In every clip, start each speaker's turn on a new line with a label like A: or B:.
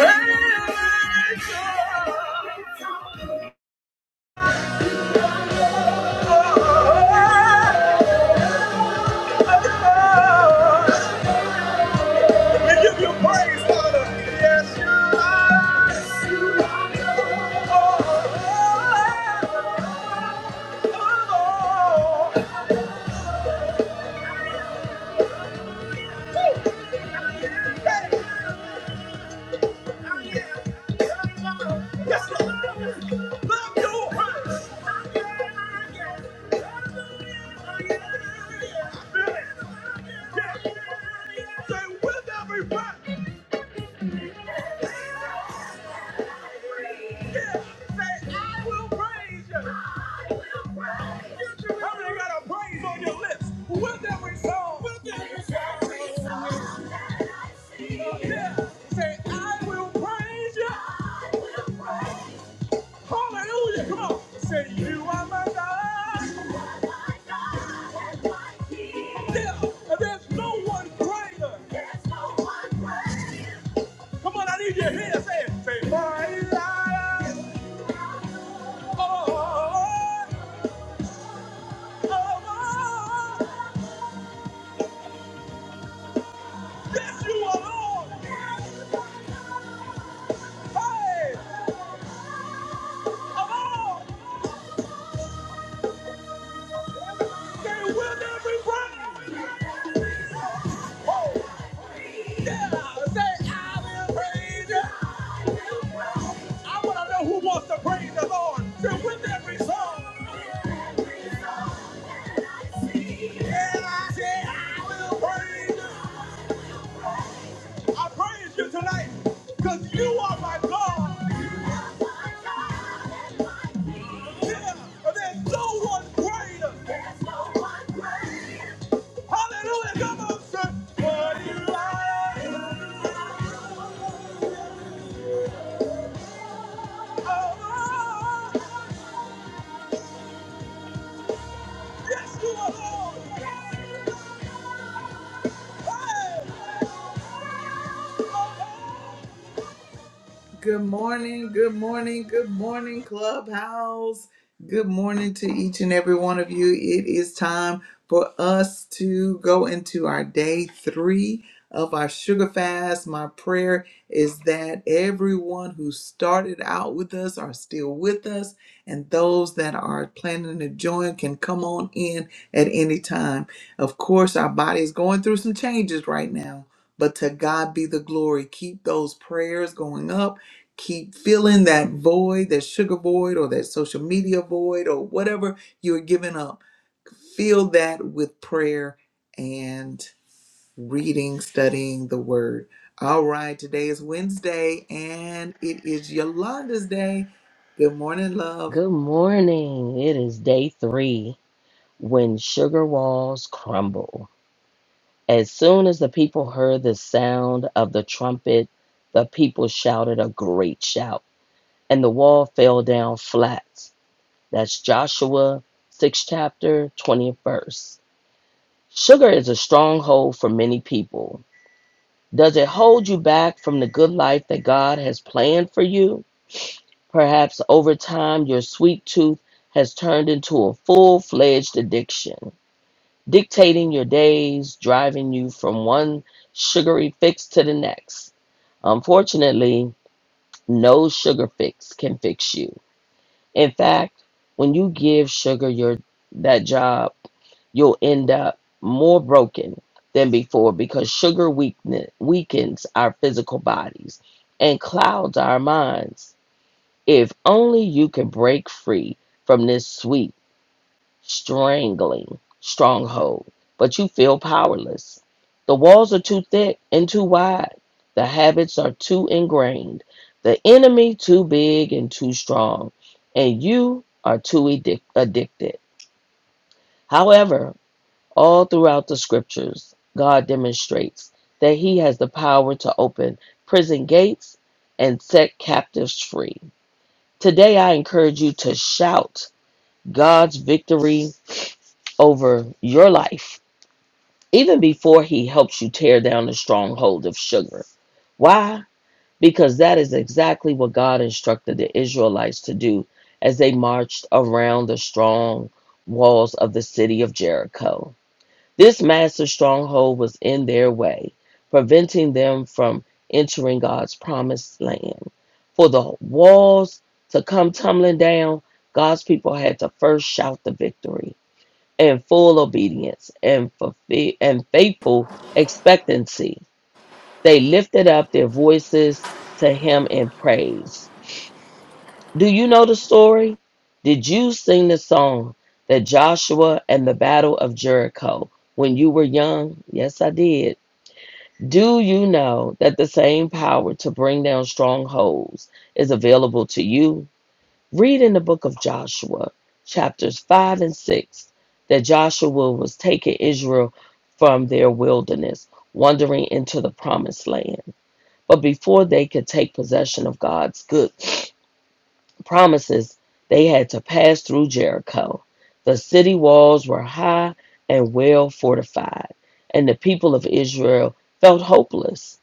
A: We give you praise, Father. Yes, Yes, you are. Oh, oh, oh, oh. Say with every breath. Say you are my God. Yeah, and there's no one greater. Come on, I need you to hear it. Say it. Say, my life. Oh, oh, oh, oh. Yes, you are Lord. Hey, alone. They will never break. Oh, yeah. Say, I will praise you. I want to know who wants to praise the Lord. Say, with every song. Yeah, I say, I will praise you. I praise you tonight because you are my God. Yeah, and there's no one greater. no Hallelujah, come on, sir. What you like? Oh, yes, you are Lord. Hey. Oh, Good morning, good morning, good morning, Clubhouse. Good morning to each and every one of you. It is time for us to go into our day three of our sugar fast. My prayer is that everyone who started out with us are still with us, and those that are planning to join can come on in at any time. Of course, our body is going through some changes right now, but to God be the glory. Keep those prayers going up keep filling that void, that sugar void or that social media void or whatever you're giving up. Fill that with prayer and reading, studying the word. All right, today is Wednesday and it is Yolanda's day. Good morning, love.
B: Good morning. It is day three when sugar walls crumble. As soon as the people heard the sound of the trumpet, the people shouted a great shout, and the wall fell down flat. That's Joshua 6 chapter 20th verse. Sugar is a stronghold for many people. Does it hold you back from the good life that God has planned for you? Perhaps over time, your sweet tooth has turned into a full fledged addiction, dictating your days, driving you from one sugary fix to the next. Unfortunately, no sugar fix can fix you. In fact, when you give sugar your that job, you'll end up more broken than before because sugar weakness weakens our physical bodies and clouds our minds if only you could break free from this sweet, strangling stronghold, but you feel powerless. The walls are too thick and too wide. The habits are too ingrained. The enemy too big and too strong. And you are too addic- addicted. However, all throughout the scriptures, God demonstrates that He has the power to open prison gates and set captives free. Today, I encourage you to shout God's victory over your life, even before He helps you tear down the stronghold of sugar. Why? Because that is exactly what God instructed the Israelites to do as they marched around the strong walls of the city of Jericho. This massive stronghold was in their way, preventing them from entering God's promised land. For the walls to come tumbling down, God's people had to first shout the victory in full obedience and, fulfill, and faithful expectancy. They lifted up their voices to Him in praise. Do you know the story? Did you sing the song that Joshua and the Battle of Jericho when you were young? Yes, I did. Do you know that the same power to bring down strongholds is available to you? Read in the book of Joshua, chapters 5 and 6, that Joshua was taking Israel from their wilderness, wandering into the promised land. But before they could take possession of God's good promises, they had to pass through Jericho. The city walls were high and well fortified, and the people of Israel felt hopeless.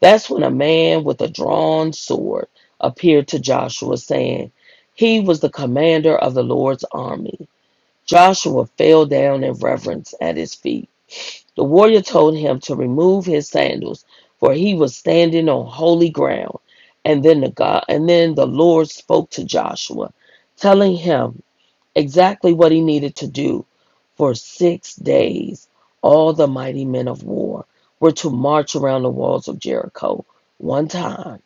B: That's when a man with a drawn sword appeared to Joshua, saying, He was the commander of the Lord's army. Joshua fell down in reverence at his feet. The warrior told him to remove his sandals, for he was standing on holy ground. And then the God, and then the Lord spoke to Joshua, telling him exactly what he needed to do. For six days, all the mighty men of war were to march around the walls of Jericho one time.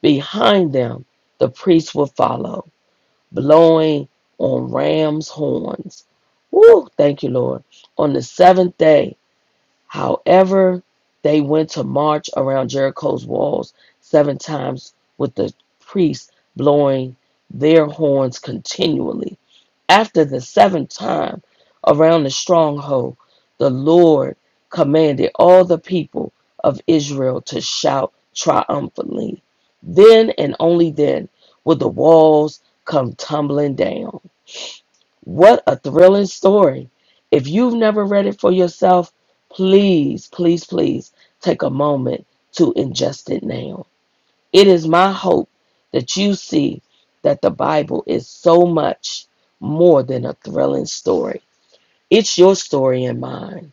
B: Behind them, the priests would follow, blowing on ram's horns. Woo! Thank you, Lord. On the seventh day, However, they went to march around Jericho's walls seven times with the priests blowing their horns continually. After the seventh time around the stronghold, the Lord commanded all the people of Israel to shout triumphantly. Then and only then would the walls come tumbling down. What a thrilling story. If you've never read it for yourself, please, please, please take a moment to ingest it now. It is my hope that you see that the Bible is so much more than a thrilling story. It's your story and mine.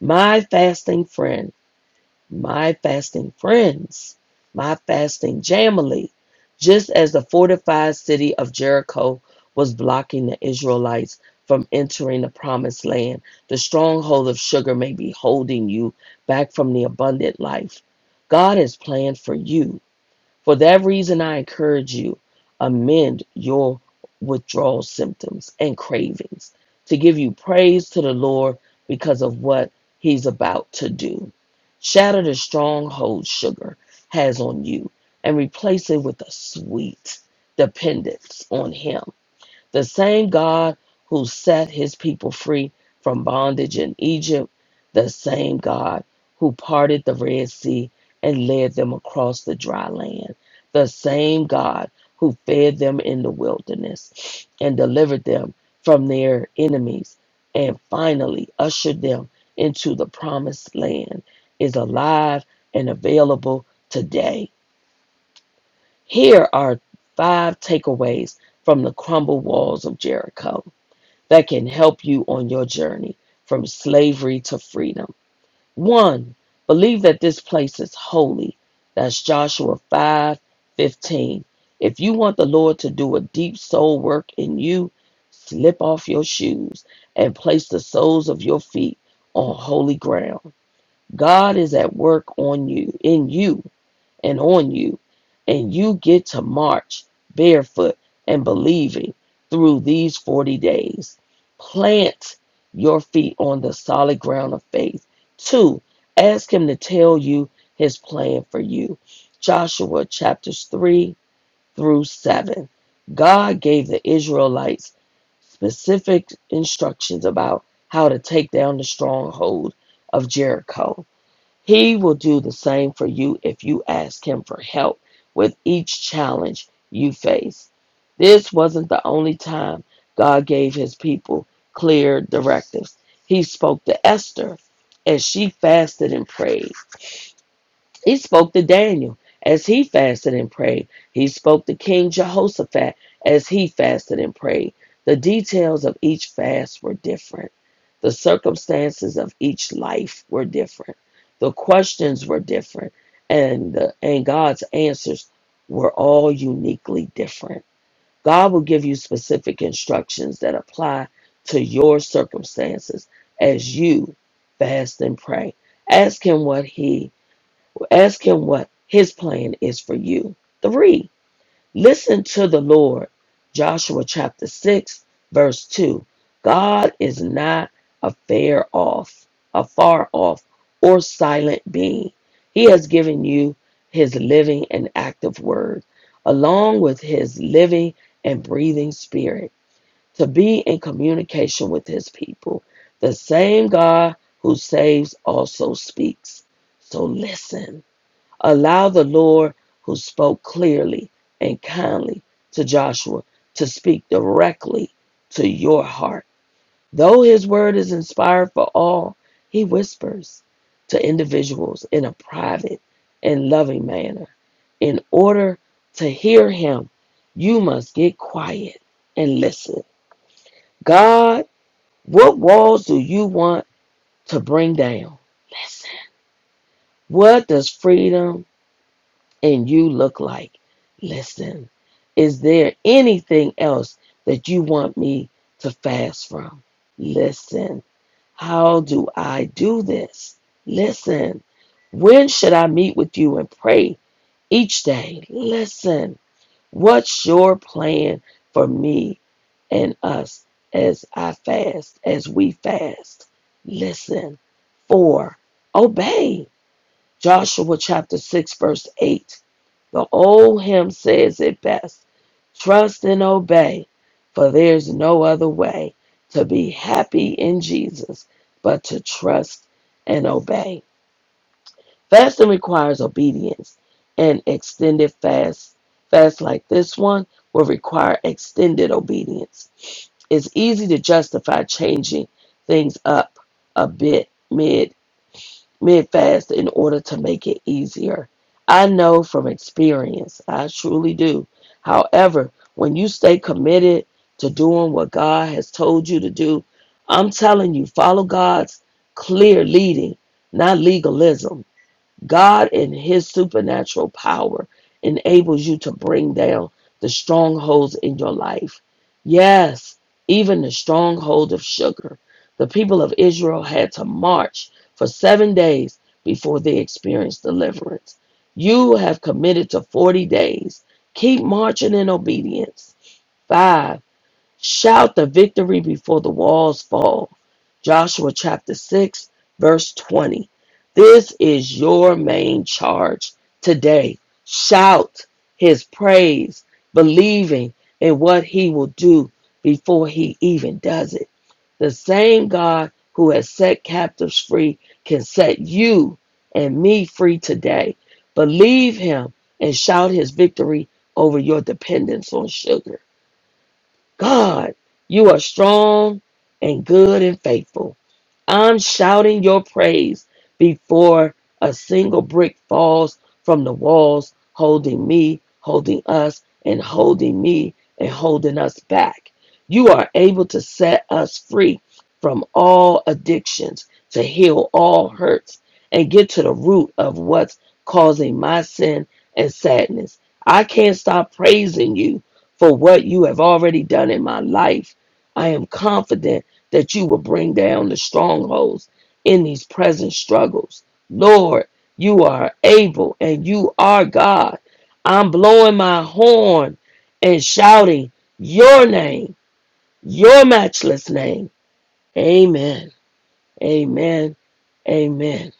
B: My fasting friend my fasting friends, my fasting jamily, just as the fortified city of Jericho was blocking the Israelites from entering the promised land, the stronghold of sugar may be holding you back from the abundant life God has planned for you. For that reason, I encourage you amend your withdrawal symptoms and cravings to give you praise to the Lord because of what He's about to do. Shatter the stronghold sugar has on you and replace it with a sweet dependence on Him the same God who set his people free from bondage in Egypt, the same God who parted the Red Sea and led them across the dry land, the same God who fed them in the wilderness and delivered them from their enemies and finally ushered them into the promised land is alive and available today. Here are five takeaways from the crumbled walls of Jericho that can help you on your journey from slavery to freedom. One, believe that this place is holy. That's Joshua 5:15. If you want the Lord to do a deep soul work in you, slip off your shoes and place the soles of your feet on holy ground. God is at work on you, in you, and on you, and you get to march barefoot and believing through these 40 days. Plant your feet on the solid ground of faith. Two, ask Him to tell you His plan for you. Joshua chapters 3 through 7. God gave the Israelites specific instructions about how to take down the stronghold of Jericho. He will do the same for you if you ask Him for help with each challenge you face. This wasn't the only time God gave His people clear directives. He spoke to Esther as she fasted and prayed. He spoke to Daniel as he fasted and prayed. He spoke to King Jehoshaphat as he fasted and prayed. The details of each fast were different. The circumstances of each life were different. The questions were different. And, the, and God's answers were all uniquely different. God will give you specific instructions that apply to your circumstances as you fast and pray. Ask Him what He Ask him what his plan is for you. Three, listen to the Lord. Joshua chapter 6, verse 2. God is not a fair off, a far off, or silent being. He has given you his living and active word, along with his living and breathing spirit, to be in communication with his people. The same God who saves also speaks. So listen Allow the Lord who spoke clearly and kindly to Joshua to speak directly to your heart. Though his word is inspired for all, he whispers to individuals in a private and loving manner. In order to hear him, you must get quiet and listen. God, what walls do you want to bring down? Listen. What does freedom and you look like. Listen, is there anything else that you want me to fast from? Listen, how do I do this? Listen, when should I meet with you and pray each day? Listen, what's your plan for me and us as I fast, as we fast? Listen, four, obey. Joshua chapter 6, verse 8. The old hymn says it best trust and obey, for there's no other way to be happy in Jesus but to trust and obey. Fasting requires obedience, and extended fast, fast like this one, will require extended obedience. It's easy to justify changing things up a bit mid mid-fast in order to make it easier. I know from experience, I truly do. However, when you stay committed to doing what God has told you to do, I'm telling you, follow God's clear leading, not legalism God in his supernatural power enables you to bring down the strongholds in your life. Yes, even the stronghold of sugar. The people of Israel had to march for seven days before they experienced deliverance. You have committed to 40 days. Keep marching in obedience. Five. Shout the victory before the walls fall. Joshua chapter 6, verse 20. This is your main charge today. Shout his praise, believing in what he will do before he even does it. The same God who has set captives free can set you and me free today. Believe him and shout his victory over your dependence on sugar. God, you are strong and good and faithful. I'm shouting your praise before a single brick falls from the walls, holding me, holding us, and holding me and holding us back. You are able to set us free from all addictions, to heal all hurts, and get to the root of what's causing my sin and sadness. I can't stop praising you for what you have already done in my life. I am confident that you will bring down the strongholds in these present struggles. Lord, you are able and you are God. I'm blowing my horn and shouting your name, your matchless name. Amen. Amen. Amen.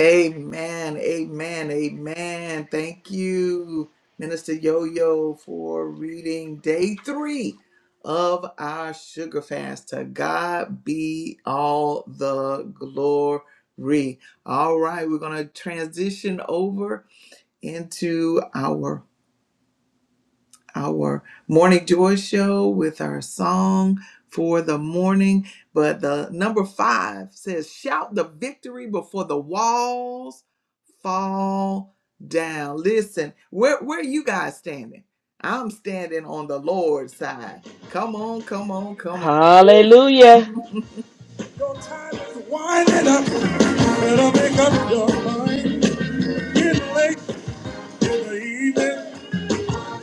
A: Amen. Amen. Amen. Thank you, Minister Yo Yo, for reading day three of our sugar fast. To God be all the glory. All right, we're going to transition over into our our morning joy show with our song for the morning. But the number five says, Shout the victory before the walls fall down. Listen, where, where are you guys standing? I'm standing on the Lord's side. Come on, come on, come on.
B: Hallelujah.
A: Your time is winding up. Better make up your mind. Getting late in the evening.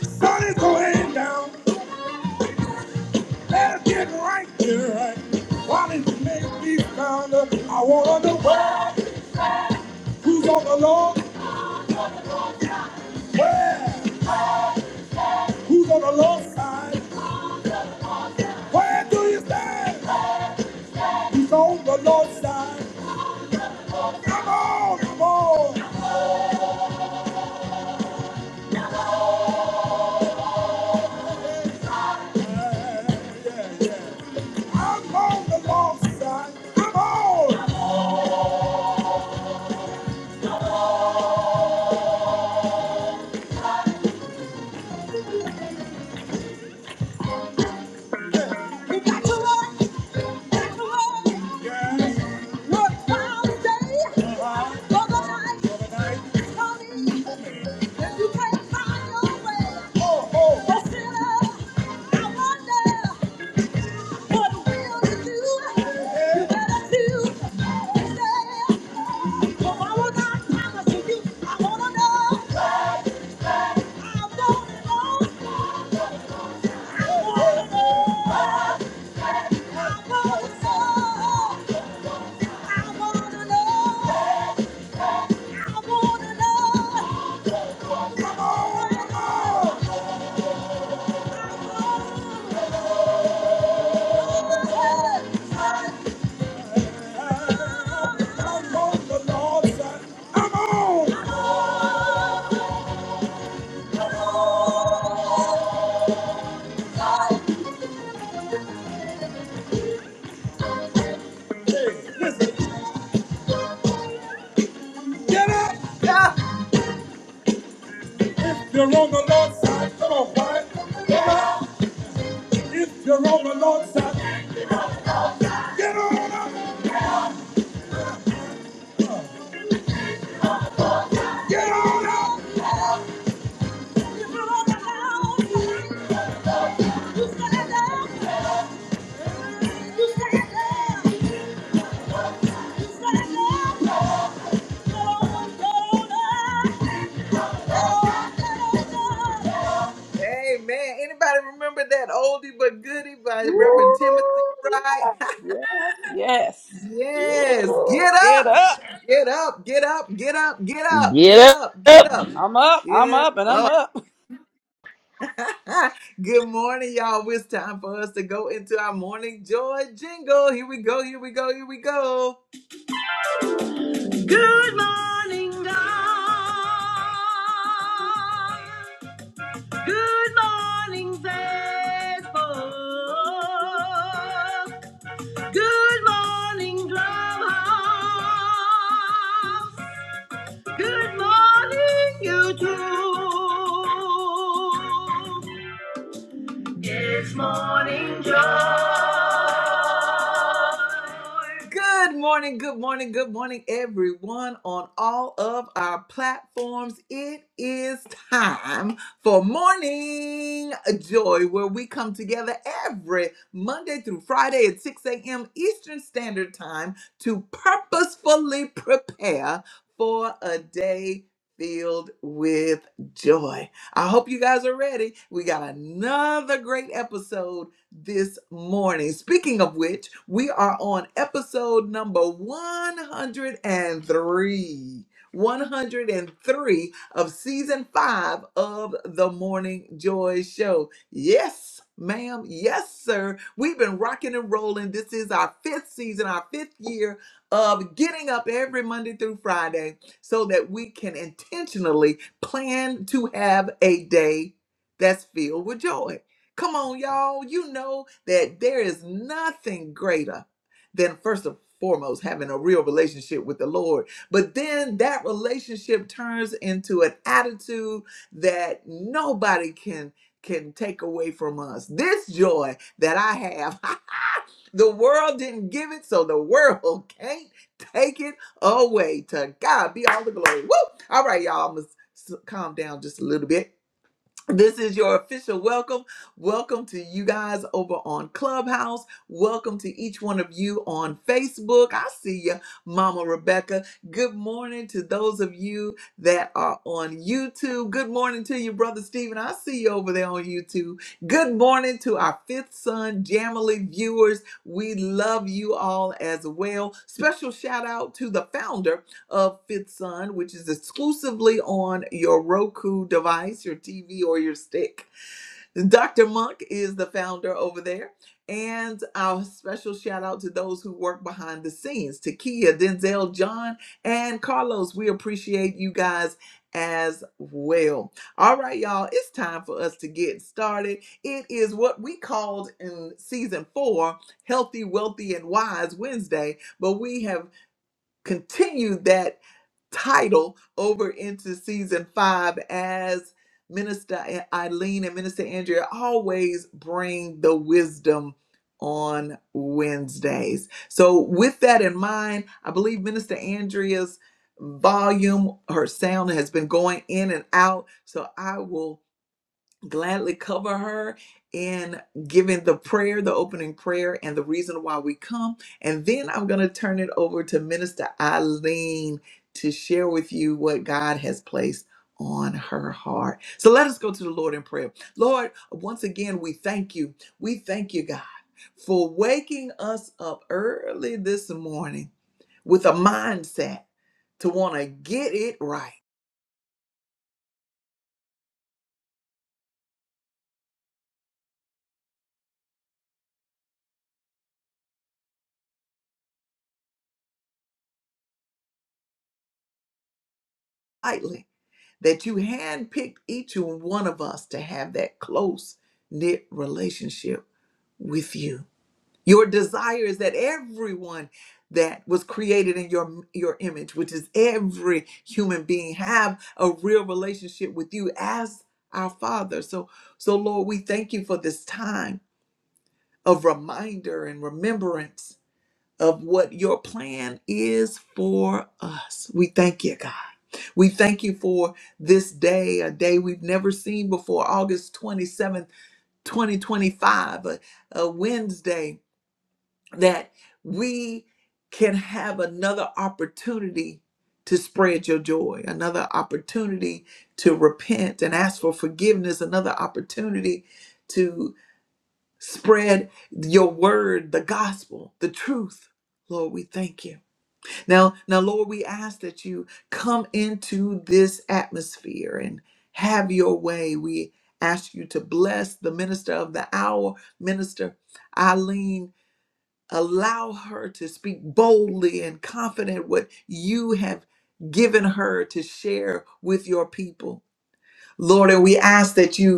A: Sun is going down. Better get right here, right? While it may be found, uh, I wanna know where, who's on the low, where, who's on the low side, where do you stand? Who's on the low side? Come on, come on. Yeah, yeah, yeah. I'm on the low side. Come on. You got to work, got to work. Yeah. Work all day, uh-huh. overnight, overnight. Honey, if you can't find your way, oh, oh. consider, I wonder, what will you do? Yeah. You better do, say, I will not promise to you, I wanna know. I want it all, Get up! Yeah. If you're on the Lord's side, come on, wife. Get up. If you're on the Lord's side, get on up. Get on up! You broke it down. You stand up. You stand up. You stand up. Get on, get on Amen. Anybody remember that oldie but goodie by Reverend Timothy Wright?
C: Yes, yes.
A: yes.
C: Ooh,
A: Get
C: Get
A: up.
C: up.
A: Get up. Get up. Get up. Get up. Get
B: Get
A: up. Get
B: up.
A: up.
C: I'm up. I'm
A: Get
C: up and
A: up.
C: I'm up.
A: Good morning, y'all. Well, It's time for us to go into our morning joy jingle. Here we go, here we go, here we go. Good morning, good morning, good morning, everyone on all of our platforms. It is time for Morning Joy, where we come together every Monday through Friday at 6 a.m. Eastern Standard Time to purposefully prepare for a day filled with joy. I hope you guys are ready. We got another great episode this morning. Speaking of which, we are on episode number 103. 103 of season five of the Morning Joy Show. Yes, ma'am. Yes, sir. We've been rocking and rolling. This is our fifth season, our fifth year of getting up every Monday through Friday so that we can intentionally plan to have a day that's filled with joy. Come on, y'all. You know that there is nothing greater than, first and foremost, having a real relationship with the Lord. But then that relationship turns into an attitude that nobody can. Can take away from us this joy that I have. the world didn't give it, so the world can't take it away. To God be all the glory. Woo! All right, y'all, I'm gonna s- calm down just a little bit. This is your official welcome. Welcome to you guys over on Clubhouse. Welcome to each one of you on Facebook. I see you, Mama Rebecca. Good morning to those of you that are on YouTube. Good morning to you, Brother Stephen. I see you over there on YouTube. Good morning to our fifth son, Jamily viewers. We love you all as well. Special shout out to the founder of Fifth Sun, which is exclusively on your Roku device, your TV, or your stick. Dr. Monk is the founder over there. And our special shout out to those who work behind the scenes Takia, Denzel, John, and Carlos. We appreciate you guys as well. All right, y'all, it's time for us to get started. It is what we called in season four Healthy, Wealthy, and Wise Wednesday, but we have continued that title over into season five as Minister Eileen and Minister Andrea always bring the wisdom on Wednesdays. So, with that in mind, I believe Minister Andrea's volume, her sound has been going in and out. So, I will gladly cover her in giving the prayer, the opening prayer, and the reason why we come. And then I'm going to turn it over to Minister Eileen to share with you what God has placed on her heart. So let us go to the Lord in prayer. Lord, once again, we thank you. We thank you, God, for waking us up early this morning with a mindset to want to get it right. Lightly. that you handpicked each and one of us to have that close knit relationship with you. Your desire is that everyone that was created in your your image, which is every human being, have a real relationship with you as our Father. So, so Lord, we thank you for this time of reminder and remembrance of what your plan is for us. We thank you, God. We thank you for this day, a day we've never seen before, August 27th, 2025, a, a Wednesday that we can have another opportunity to spread your joy, another opportunity to repent and ask for forgiveness, another opportunity to spread your word, the gospel, the truth. Lord, we thank you. Now, now, Lord, we ask that you come into this atmosphere and have your way. We ask you to bless the minister of the hour, Minister Eileen. Allow her to speak boldly and confident what you have given her to share with your people. Lord, and we ask that you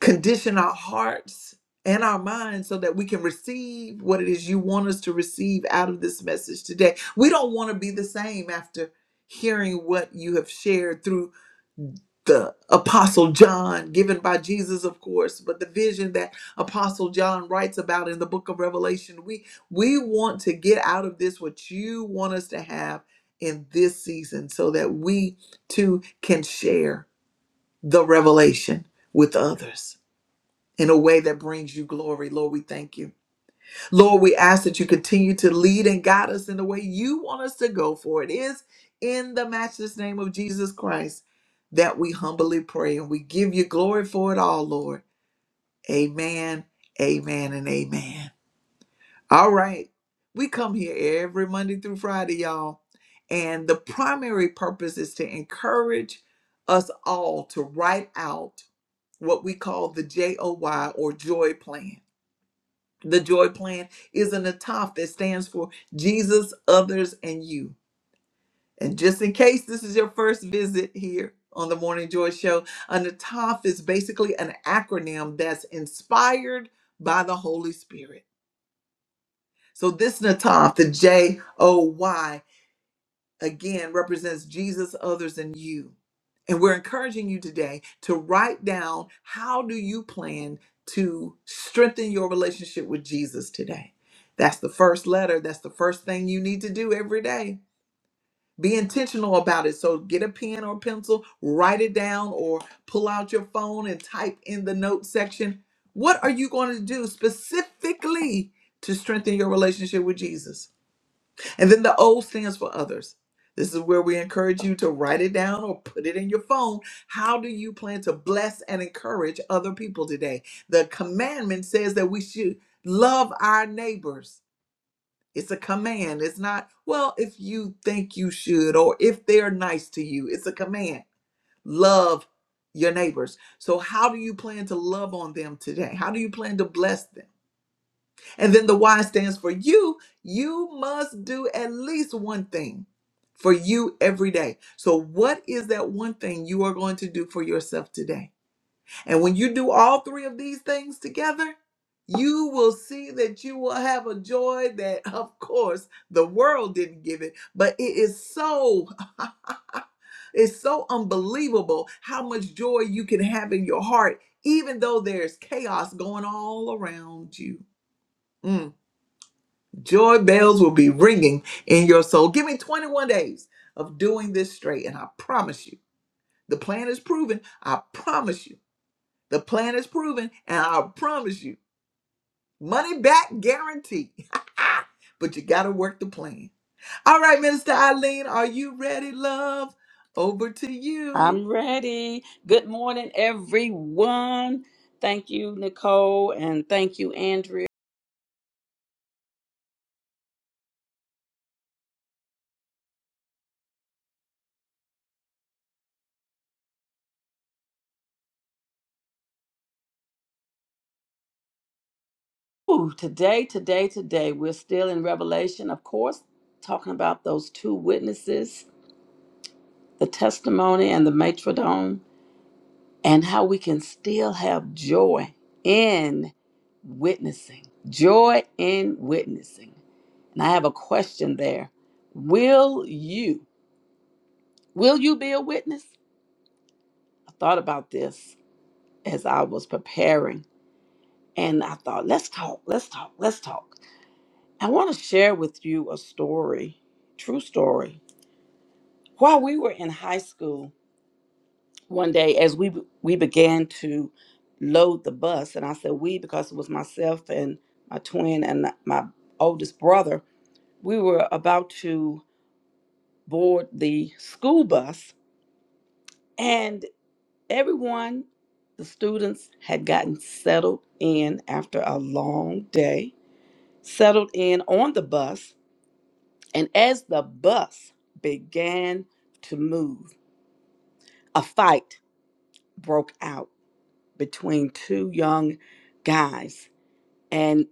A: condition our hearts and our minds so that we can receive what it is you want us to receive out of this message today. We don't want to be the same after hearing what you have shared through the apostle John given by Jesus of course, but the vision that apostle John writes about in the book of Revelation. We we want to get out of this what you want us to have in this season so that we too can share the revelation with others in a way that brings you glory. Lord, we thank you. Lord, we ask that you continue to lead and guide us in the way you want us to go, for it is in the matchless name of Jesus Christ that we humbly pray and we give you glory for it all, Lord. Amen, amen, and amen. All right. We come here every Monday through Friday, y'all. And the primary purpose is to encourage us all to write out what we call the JOY or joy plan The joy plan is an ATOF that stands for Jesus, others, and you. And just in case this is your first visit here on the Morning Joy Show, an ATOF is basically an acronym that's inspired by the Holy Spirit. So this NATOF, the J O Y again represents Jesus, others, and you. And we're encouraging you today to write down how do you plan to strengthen your relationship with Jesus today. That's the first letter. That's the first thing you need to do every day. Be intentional about it. So get a pen or pencil, write it down, or pull out your phone and type in the note section. What are you going to do specifically to strengthen your relationship with Jesus? And then the O stands for others. This is where we encourage you to write it down or put it in your phone. How do you plan to bless and encourage other people today? The commandment says that we should love our neighbors. It's a command. It's not, well, if you think you should or if they're nice to you. It's a command. Love your neighbors. So, how do you plan to love on them today? How do you plan to bless them? And then the Y stands for you. You must do at least one thing for you every day. So, what is that one thing you are going to do for yourself today? And when you do all three of these things together, you will see that you will have a joy that, of course, the world didn't give it, but it is so it's so unbelievable how much joy you can have in your heart, even though there's chaos going all around you. Mm. Joy bells will be ringing in your soul. Give me 21 days of doing this straight, and I promise you, the plan is proven. I promise you, the plan is proven, and I promise you, money back guarantee. But you got to work the plan. All right, Minister Eileen, are you ready, love? Over to you.
C: I'm ready. Good morning, everyone. Thank you, Nicole, and thank you, Andrea. Ooh, today, today, today, we're still in Revelation, of course, talking about those two witnesses, the testimony and the matrodome, and how we can still have joy in witnessing. Joy in witnessing. And I have a question there. Will you will you be a witness? I thought about this as I was preparing and I thought, let's talk, let's talk, let's talk. I want to share with you a story, true story. While we were in high school, one day as we we began to load the bus, and I said we because it was myself and my twin and my oldest brother, we were about to board the school bus and Everyone, the students had gotten settled in after a long day, settled in on the bus, and as the bus began to move, a fight broke out between two young guys. And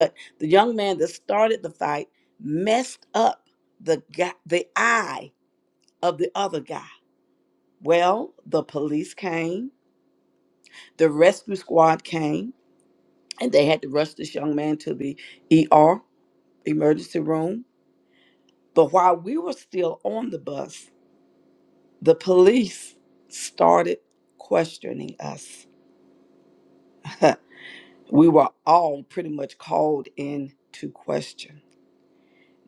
C: uh, the young man that started the fight messed up the guy, the eye of the other guy. Well, the police came, the rescue squad came, and they had to rush this young man to the ER emergency room. But while we were still on the bus, the police started questioning us. we were all pretty much called in to question.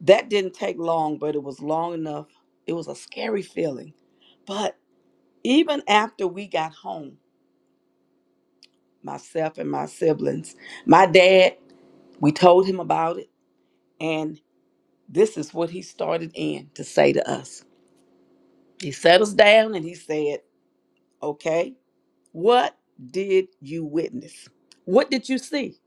C: That didn't take long, but it was long enough. It was a scary feeling. But even after we got home, myself and my siblings, my dad, we told him about it, and this is what he started in to say to us. He sat us down and he said, Okay, what did you witness? What did you see?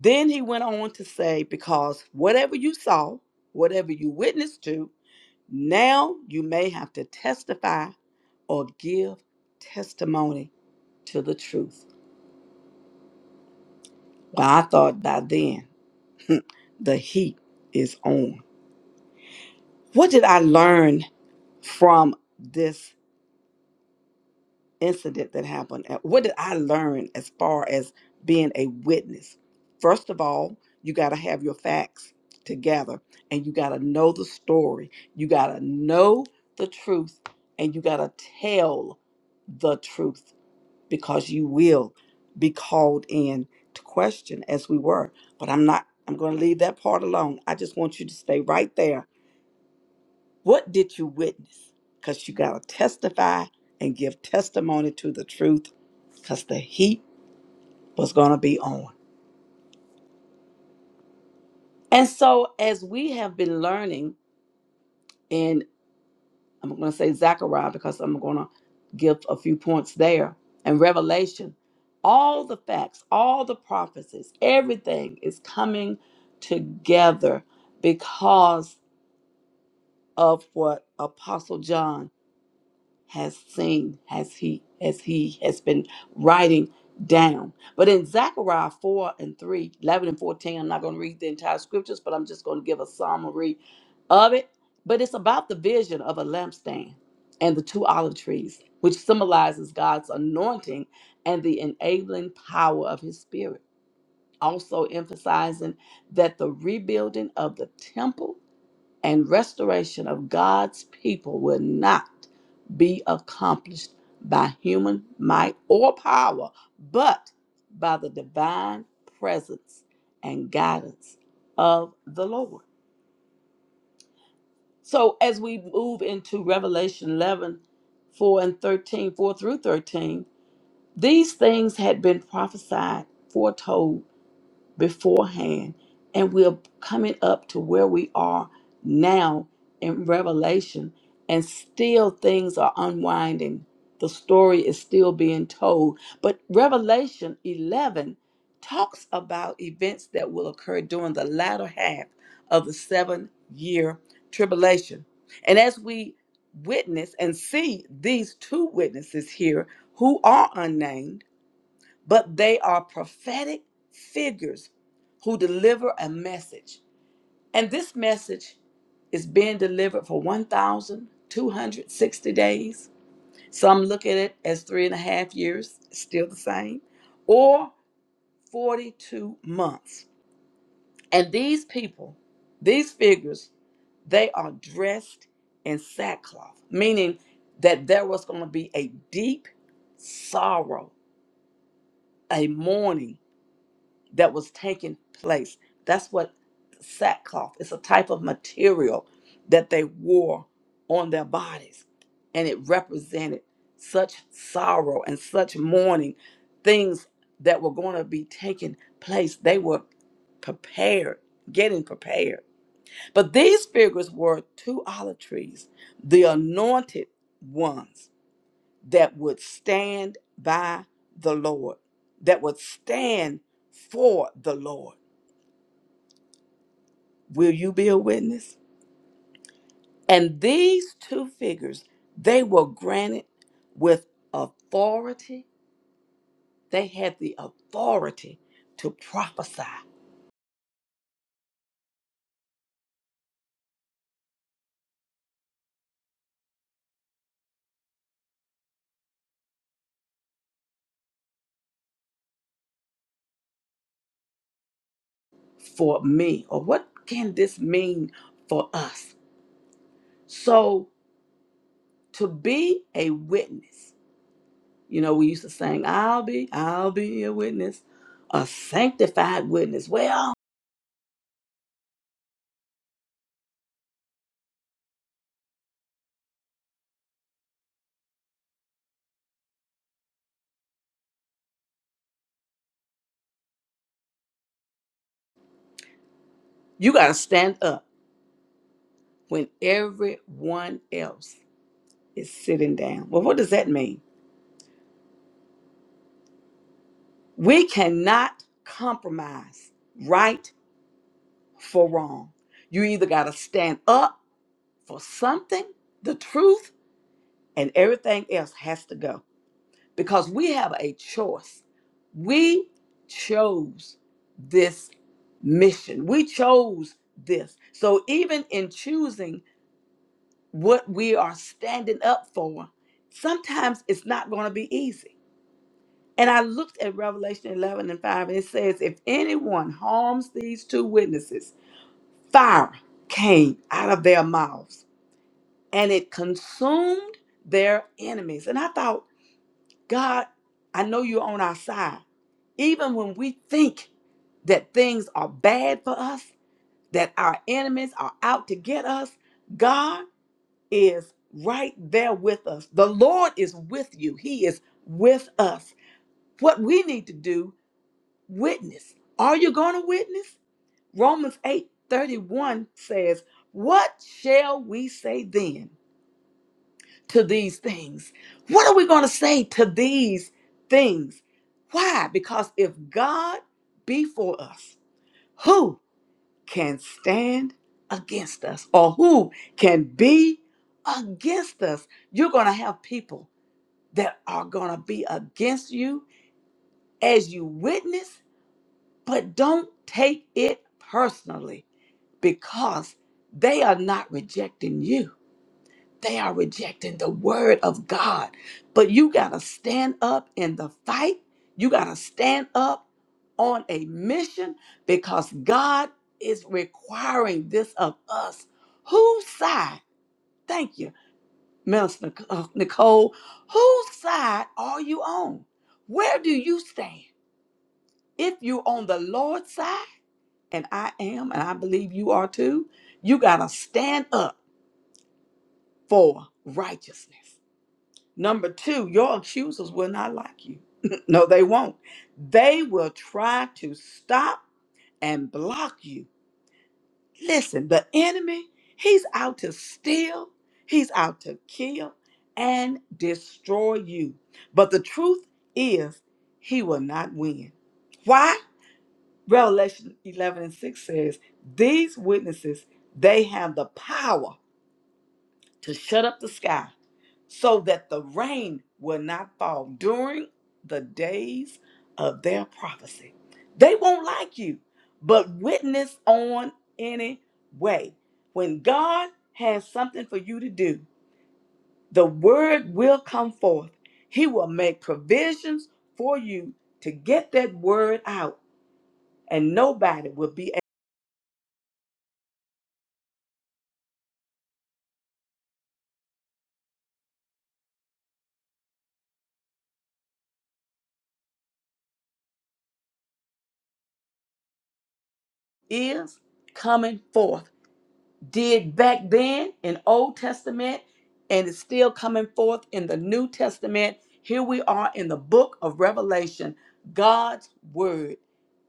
C: Then he went on to say, Because whatever you saw, whatever you witnessed to, now you may have to testify or give testimony to the truth. Well, I thought by then the heat is on. What did I learn from this? incident that happened and what did i learn as far as being a witness first of all you got to have your facts together and you got to know the story you got to know the truth and you got to tell the truth because you will be called in to question as we were but i'm not i'm going to leave that part alone i just want you to stay right there what did you witness? Because you got to testify and give testimony to the truth because the heat was going to be on. And so, as we have been learning in, I'm going to say Zechariah because I'm going to give a few points there, and Revelation, all the facts, all the prophecies, everything is coming together because of what Apostle John has seen as he as he has been writing down. But in Zechariah 4 and 3 11 and 14, I'm not going to read the entire scriptures, but I'm just going to give a summary of it. But it's about the vision of a lampstand and the two olive trees, which symbolizes God's anointing and the enabling power of his spirit. Also emphasizing that the rebuilding of the temple and restoration of God's people will not be accomplished by human might or power, but by the divine presence and guidance of the Lord. So, as we move into Revelation 11 4 and 13 4 through 13, these things had been prophesied, foretold beforehand and we're coming up to where we are now in revelation and still things are unwinding the story is still being told but revelation 11 talks about events that will occur during the latter half of the seven year tribulation and as we witness and see these two witnesses here who are unnamed but they are prophetic figures who deliver a message. And this message is being delivered for 1,260 days. Some look at it as three and a half years, still the same, or 42 months. And these people, these figures, they are dressed in sackcloth, meaning that there was going to be a deep sorrow, a mourning that was taking place. That's what sackcloth is a type of material that they wore on their bodies. And it represented such sorrow and such mourning, things that were going to be taking place. They were prepared, getting prepared. But these figures were two olive trees, the anointed ones that would stand by the Lord, that would stand for the Lord. Will you be a witness? And these two figures, they were granted with authority. They had the authority to prophesy for me. Or what can this mean for us? So to be a witness, you know, we used to sing, I'll be, I'll be a witness, a sanctified witness. Well, You got to stand up when everyone else is sitting down. Well, what does that mean? We cannot compromise right for wrong. You either got to stand up for something, the truth, and everything else has to go because we have a choice. We chose this mission, we chose this. So, even in choosing what we are standing up for, sometimes it's not going to be easy. And I looked at Revelation 11 and 5, and it says, If anyone harms these two witnesses, fire came out of their mouths and it consumed their enemies. And I thought, God, I know you're on our side. Even when we think that things are bad for us, that our enemies are out to get us, God. is right there with us. The Lord is with you, He is with us. What we need to do, witness. Are you going to witness? Romans 8 31 says, What shall we say then to these things? What are we going to say to these things? Why? Because if God be for us, who can stand against us or who can be against us? You're going to have people that are going to be against you as you witness, but don't take it personally because they are not rejecting you. They are rejecting the word of God. But you got to stand up in the fight. You got to stand up on a mission because God is requiring this of us. Whose side? Thank you Minister Nic- uh, Nicole, whose side are you on? Where do you stand? If you're on the Lord's side, and I am, and I believe you are too, you got to stand up for righteousness. Number two, your accusers will not like you. no, they won't. They will try to stop and block you Listen, the enemy, he's out to steal, he's out to kill and destroy you. But the truth is, he will not win. Why? Revelation 11 and 6 says, These witnesses, they have the power to shut up the sky so that the rain will not fall during the days of their prophecy. They won't like you, but witness on anyway. When God has something for you to do, the word will come forth. He will make provisions for you to get that word out, and nobody will be is coming forth did back then in Old Testament and it's still coming forth in the New Testament. Here we are in the book of Revelation. God's word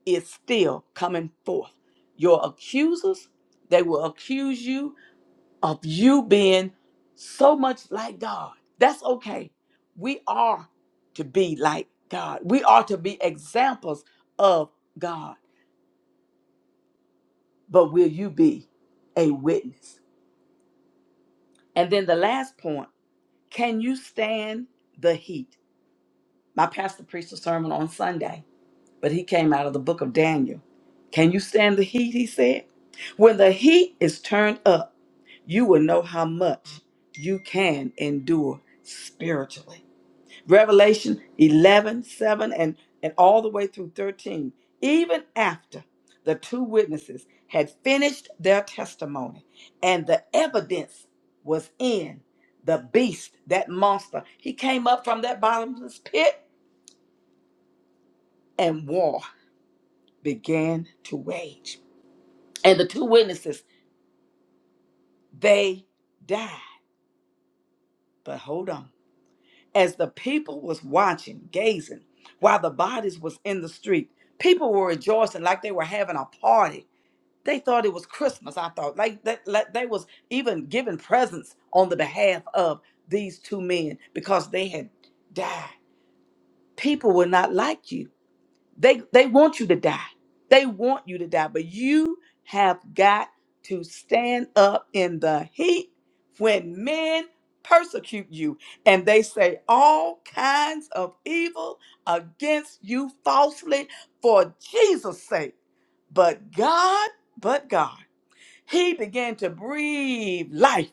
C: is still coming forth. Your accusers, they will accuse you of you being so much like God. That's okay. We are to be like God. We are to be examples of God. But will you be a witness? And then the last point Can you stand the heat? My pastor preached a sermon on Sunday, but he came out of the book of Daniel. Can you stand the heat? He said. When the heat is turned up, you will know how much you can endure spiritually. Revelation 11 7 and, and all the way through 13. Even after the two witnesses had finished their testimony and the evidence was in the beast, that monster, he came up from that bottomless pit and war began to wage. And the two witnesses, they died. But hold on. as the people was watching, gazing, while the bodies was in the street. People were rejoicing like they were having a party. They thought it was Christmas. I thought like that, like they was even giving presents on the behalf of these two men because they had died. People were not like you. They they want you to die. They want you to die, but you have got to stand up in the heat when men persecute you and they say all kinds of evil against you falsely for Jesus' sake. But God, but God, he began to breathe life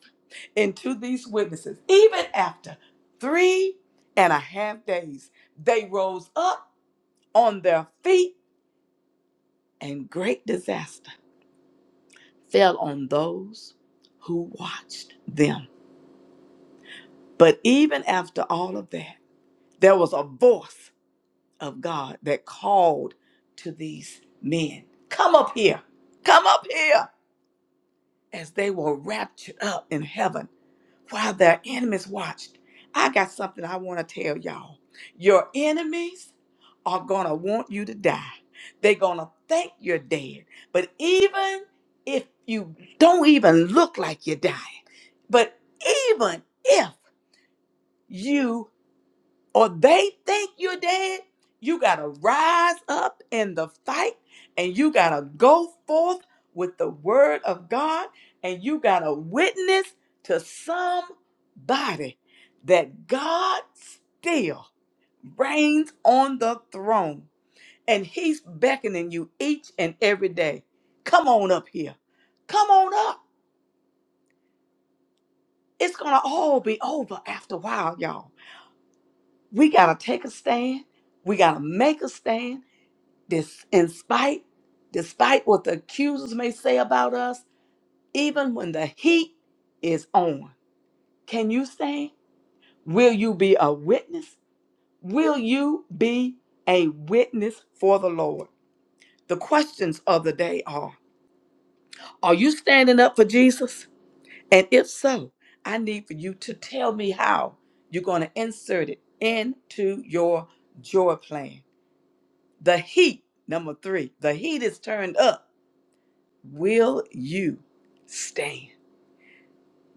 C: into these witnesses. Even after three and a half days, they rose up on their feet and great disaster fell on those who watched them. But even after all of that, there was a voice of God that called to these men, Come up here, come up here, as they were raptured up in heaven while their enemies watched, I got something I want to tell y'all. Your enemies are going to want you to die. They're going to think you're dead. But even if you don't even look like you're dying, but even if you or they think you're dead, you got to rise up in the fight and you got to go forth with the word of God and you got to witness to somebody that God still reigns on the throne and he's beckoning you each and every day. Come on up here. Come on up. It's going to all be over after a while, y'all. We got to take a stand. We got to make a stand This, in spite, despite what the accusers may say about us, even when the heat is on, can you stand? Will you be a witness? Will you be a witness for the Lord? The questions of the day are Are you standing up for Jesus? And if so, I need for you to tell me how you're going to insert it into your joy plan. The heat, number three, the heat is turned up Will you stand?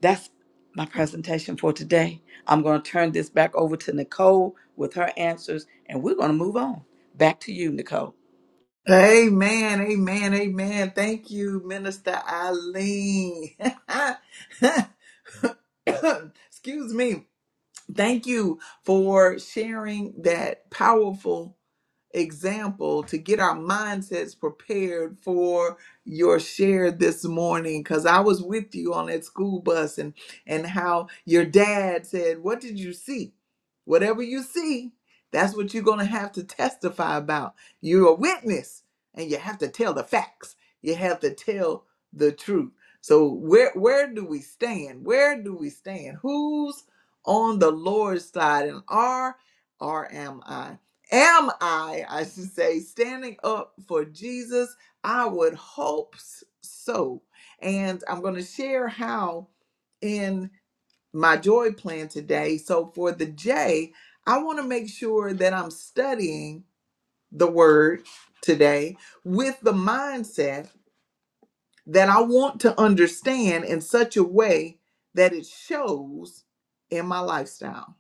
C: That's my presentation for today. I'm going to turn this back over to Nicole with her answers, and we're going to move on. Back to you, Nicole.
A: Amen, amen, amen. Thank you, Minister Eileen. Excuse me. Thank you for sharing that powerful example to get our mindsets prepared for your share this morning because i was with you on that school bus and and how your dad said what did you see whatever you see that's what you're going to have to testify about you're a witness and you have to tell the facts you have to tell the truth so where where do we stand where do we stand who's on the lord's side and are or am i am I, I should say, standing up for Jesus? I would hope s- so. And I'm going to share how in my joy plan today. So, for the J, I want to make sure that I'm studying the word today with the mindset that I want to understand in such a way that it shows in my lifestyle,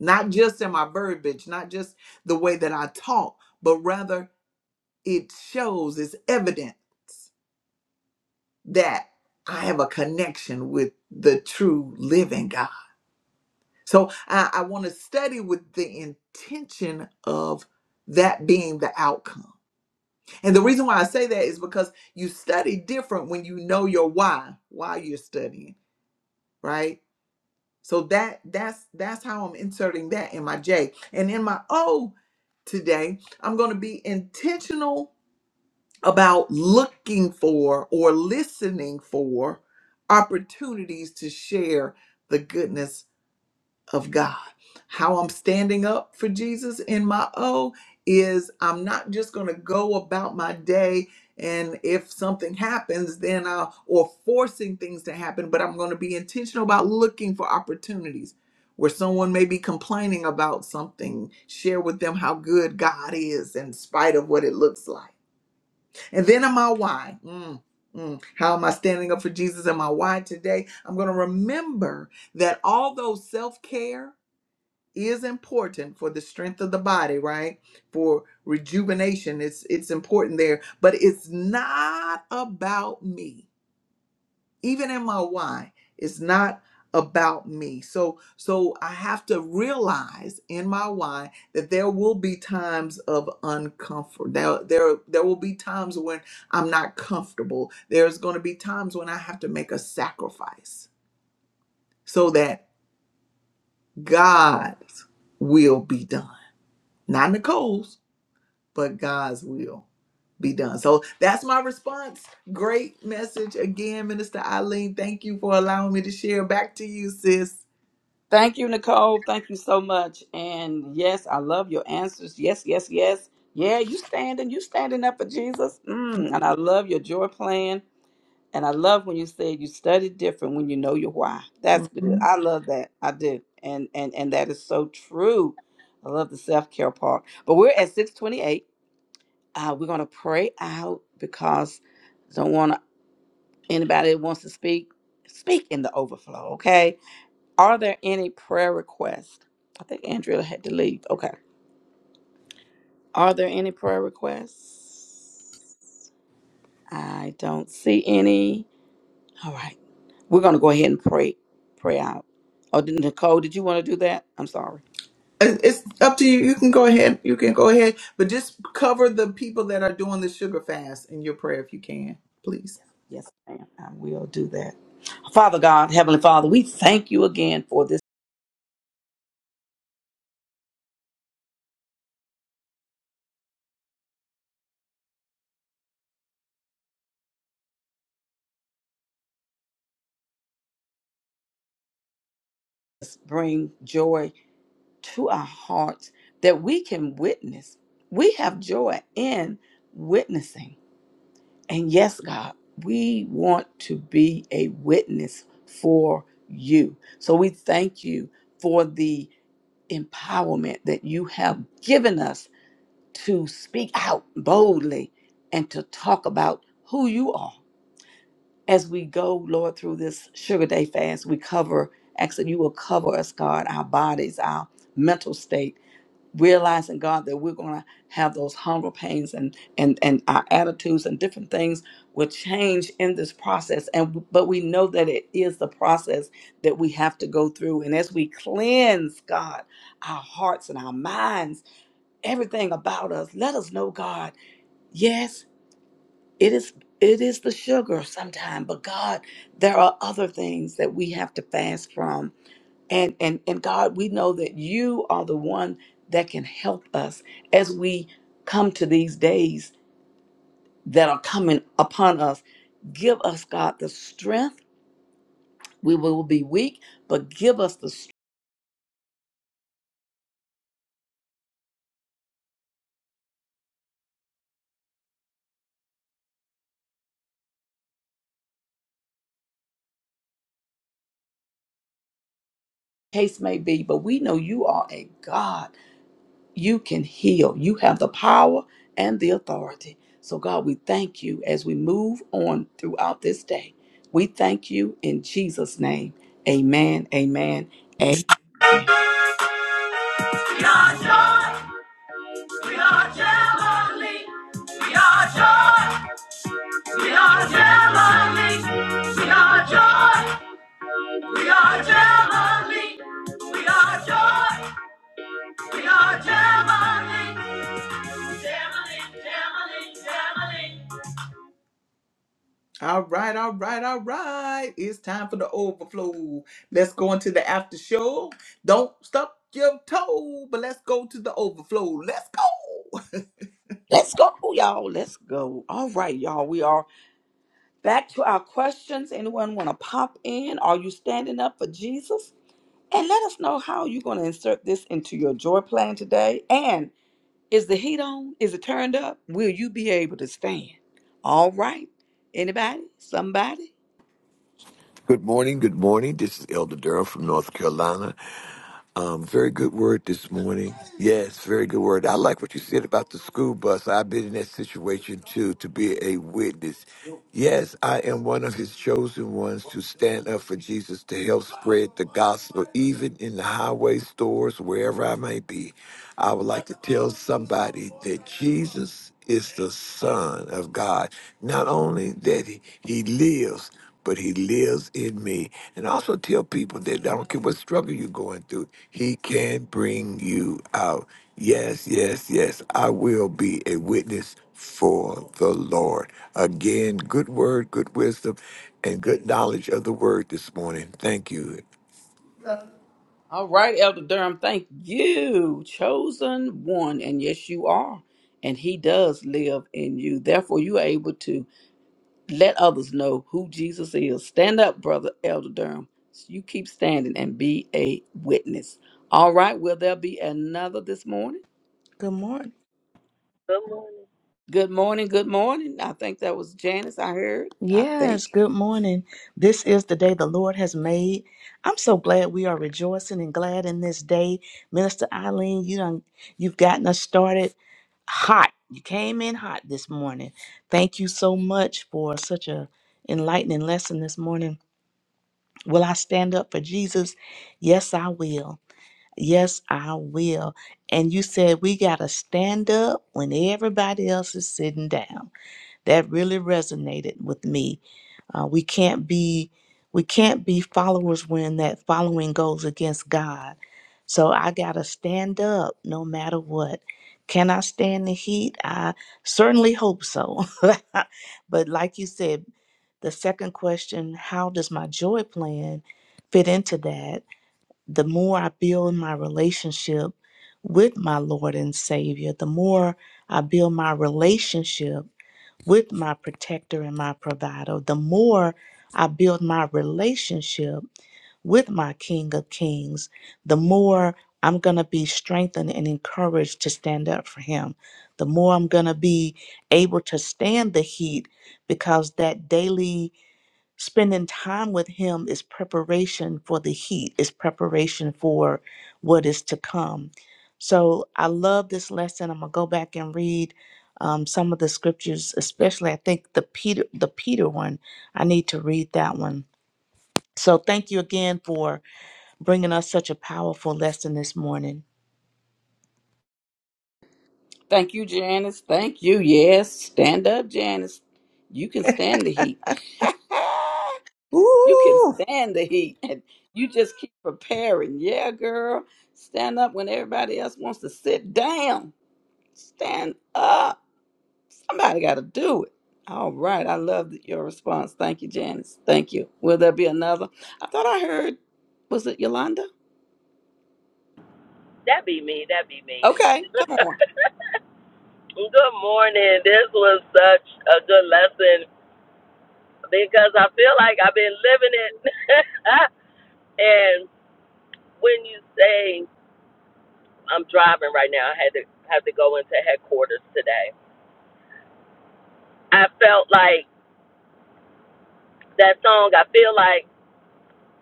A: not just in my verbiage, not just the way that I talk, but rather it shows it's evidence that I have a connection with the true living God. So I, I want to study with the intention of that being the outcome. And the reason why I say that is because you study different when you know your why, why you're studying, right? So that that's that's how I'm inserting that in my J. And in my O today, I'm going to be intentional about looking for or listening for opportunities to share the goodness of God. How I'm standing up for Jesus in my O is I'm not just going to go about my day and if something happens then I or forcing things to happen, but I'm going to be intentional about looking for opportunities where someone may be complaining about something, share with them how good God is in spite of what it looks like and then am I why? Mm, mm. How am I standing up for Jesus? Am I why today? I'm going to remember that although self care is important for the strength of the body, right? For rejuvenation, it's it's important there, but it's not about me even in my why it's not about me so so i have to realize in my why that there will be times of uncomfort there there there will be times when i'm not comfortable there's going to be times when i have to make a sacrifice so that god's will be done not nicole's but god's will be done so that's my response great message again minister eileen thank you for allowing me to share back to you sis
C: Thank you, Nicole. Thank you so much. And yes, I love your answers. Yes, yes, yes. Yeah, you standing, you standing up for Jesus. Mm, and I love your joy plan And I love when you said you study different when you know your why. That's good.
A: Mhm.
C: I love that. I do. And and and that is so true. I love the self-care part. But we're at 628. Uh, we're gonna pray out because don't want anybody that wants to speak, speak in the overflow, okay? Are there any prayer requests? I think Andrea had to leave. Okay. Are there any prayer requests? I don't see any. All right. We're going to go ahead and pray pray out. Oh, did- Nicole, did you want to do that? I'm sorry.
A: It- It's up to you. You can go ahead. You can go ahead, but just cover the people that are doing the sugar fast in your prayer if you can, please.
C: Yes, ma'am. I will do that. Father God, Heavenly Father, we thank you again for this. Bring joy to our hearts that we can witness. We have joy in witnessing. And yes, God, we want to be a witness for you. So we thank you for the empowerment that you have given us to speak out boldly and to talk about who you are. As we go, Lord, through this Sugar Day fast, we cover, actually, you will cover us, God, our bodies, our mental state, realizing, God, that we're going to have those hunger pains and, and, and our attitudes and different things will change in this process. And But we know that it is the process that we have to go through. And as we cleanse, God, our hearts and our minds, everything about us, let us know, God Yes, it is it is the sugar sometimes, but God, there are other things that we have to fast from. And and and God, we know that you are the one that can help us as we come to these days that are coming upon us. Give us, God, the strength. We will be weak, but give us the strength. Case may be, but we know you are a God. You can heal. You have the power and the authority. So, God, we thank you as we move on throughout this day. We thank you in Jesus' name. Amen, amen, amen.
A: We are joy. We are heavenly. We are joy. We are heavenly. We are joy. We are heavenly. We are joy. We are heavenly. Heavenly, heavenly, heavenly. All right, all right, all right. It's time for the overflow. Let's go into the after show. Don't stop your toe, but let's go to the overflow. Let's go.
C: Let's go, y'all. Let's go. All right, y'all. We are back to our questions. Anyone want to pop in? Are you standing up for Jesus? And let us know how you're going to insert this into your joy plan today. And Is the heat on? Is it turned up? Will you be able to stand? All right. Anybody? Somebody?
D: Good morning. Good morning. This is Elder Durham from North Carolina. Um, very good word this morning. Yes, very good word. I like what you said about the school bus. I've been in that situation too, to be a witness. Yes, I am one of his chosen ones to stand up for Jesus to help spread the gospel, even in the highway stores, wherever I may be. I would like to tell somebody that Jesus is the Son of God. Not only that he, he lives, but he lives in me. And I also tell people that I don't care what struggle you're going through, he can bring you out. Yes, yes, yes. I will be a witness for the Lord. Again, good word, good wisdom, and good knowledge of the word this morning. Thank you.
C: All right, Elder Durham, thank you. Chosen one, and yes, you are. And he does live in you. Therefore, you are able to let others know who Jesus is. Stand up, brother Elder Durham. You keep standing and be a witness. All right, will there be another this morning?
E: Good morning.
B: Good morning.
C: Good morning, good morning. I think that was Janice I heard, I think.
E: Yes, good morning. This is the day the Lord has made. I'm so glad we are rejoicing and glad in this day. Minister Eileen, you done, you've gotten us started hot. You came in hot this morning. Thank you so much for such a enlightening lesson this morning. Will I stand up for Jesus? Yes, I will. Yes, I will. And you said we got to stand up when everybody else is sitting down. That really resonated with me. Uh, we can't be we can't be followers when that following goes against God. So I gotta stand up no matter what. Can I stand the heat? I certainly hope so. but like you said, the second question, how does my joy plan fit into that? The more I build my relationship with my Lord and Savior, the more I build my relationship with my protector and my provider, the more I build my relationship with my King of Kings, the more I'm going to be strengthened and encouraged to stand up for him. The more I'm going to be able to stand the heat because that daily spending time with him is preparation for the heat is preparation for what is to come so i love this lesson i'm gonna go back and read um, some of the scriptures especially i think the peter the peter one i need to read that one so thank you again for bringing us such a powerful lesson this morning
C: Thank you, Janice. Thank you. Yes, stand up, Janice. You can stand the heat. You can
E: Ooh,
C: stand the heat. And you just keep preparing. Yeah, girl. Stand up when everybody else wants to sit down. Stand up. Somebody got to do it. All right. I love th- your response. Thank you, Janice. Thank you. Will there be another? I thought I heard, was it Yolanda?
B: That be me. That be me.
C: Okay, come on.
B: Good morning. This was such a good lesson because I feel like I've been living it. And when you say I'm driving right now, I had to have to go into headquarters today. I felt like that song. I feel like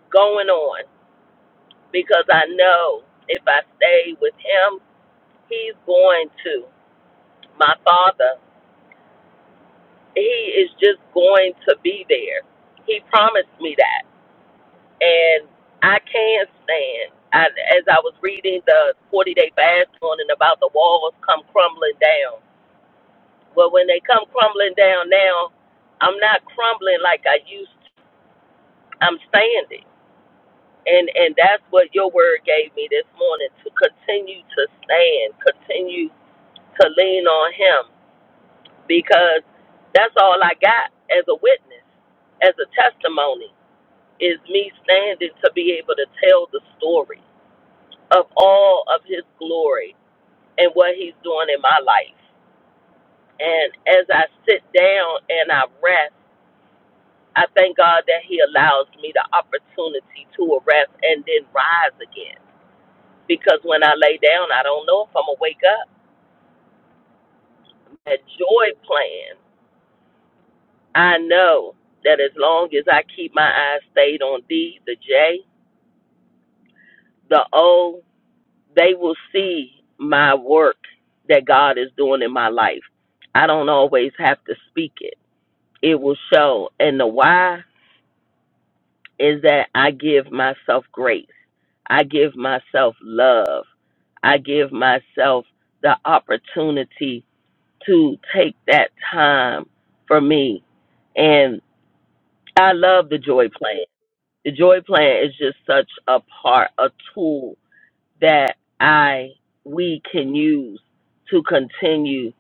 B: going on because I know if I stay with him, he's going to. My father, he is just going to be there. He promised me that, and I can't stand. I, as I was reading the 40 Day Fast on and about the walls come crumbling down, Well, when they come crumbling down now, I'm not crumbling like I used to. I'm standing. And and that's what your word gave me this morning to continue to stand, continue to lean on him because that's all I got as a witness, as a testimony is me standing to be able to tell the story of all of his glory and what he's doing in my life. And as I sit down and I rest I thank God that He allows me the opportunity to rest and then rise again. Because when I lay down, I don't know if I'm going to wake up. That joy plan, I know that as long as I keep my eyes stayed on D, the J, the O, they will see my work that God is doing in my life. I don't always have to speak it, it will show. And the why is that I give myself grace. I give myself love. I give myself the opportunity to take that time for me. And I love the joy plan. The joy plan is just such a part, a tool that I we can use to continue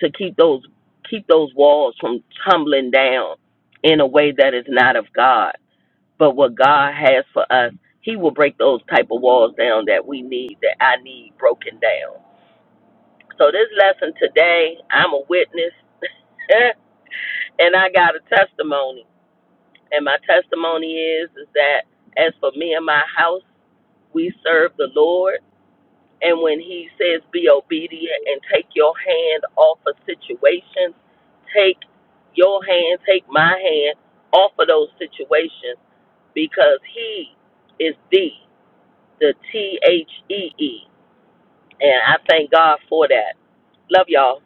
B: to keep those keep those walls from tumbling down in a way that is not of God but what God has for us, He will break those type of walls down that we need, that I need broken down. So this lesson today, I'm a witness, and I got a testimony. And my testimony is is that as for me and my house, we serve the Lord. And when He says be obedient and take your hand off of situations, take your hand, take my hand off of those situations because He is the. the T H E E. And I thank God for that. Love y'all.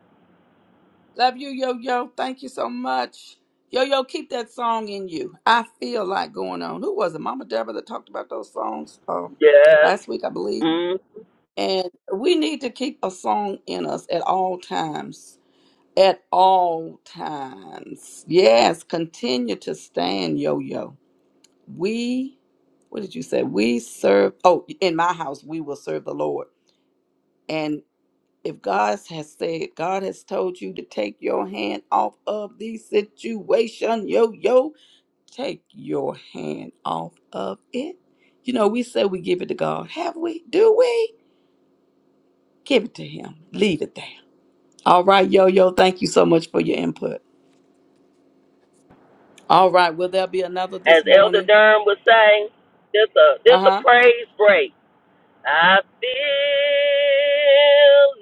C: Love you, yo yo. Thank you so much. Yo yo, keep that song in you. I feel like going on. Who was it? Mama Deborah that talked about those songs uh,
B: Yes.
C: last week, I believe.
B: Mm.
C: And we need to keep a song in us at all times. At all times. Yes, continue to stand, yo yo. We, what did you say? We serve, oh, in my house, we will serve the Lord if God has said, God has told you to take your hand off of the situation, yo, yo, take your hand off of it. You know, we say we give it to God. Have we? Do we? Give it to Him. Leave it there. All right, yo, yo, thank you so much for your input. All right, will there be another
B: As
C: this
B: Elder
C: morning?
B: Durham would say, this a
C: Uh
B: this a
C: huh.
B: praise break. I feel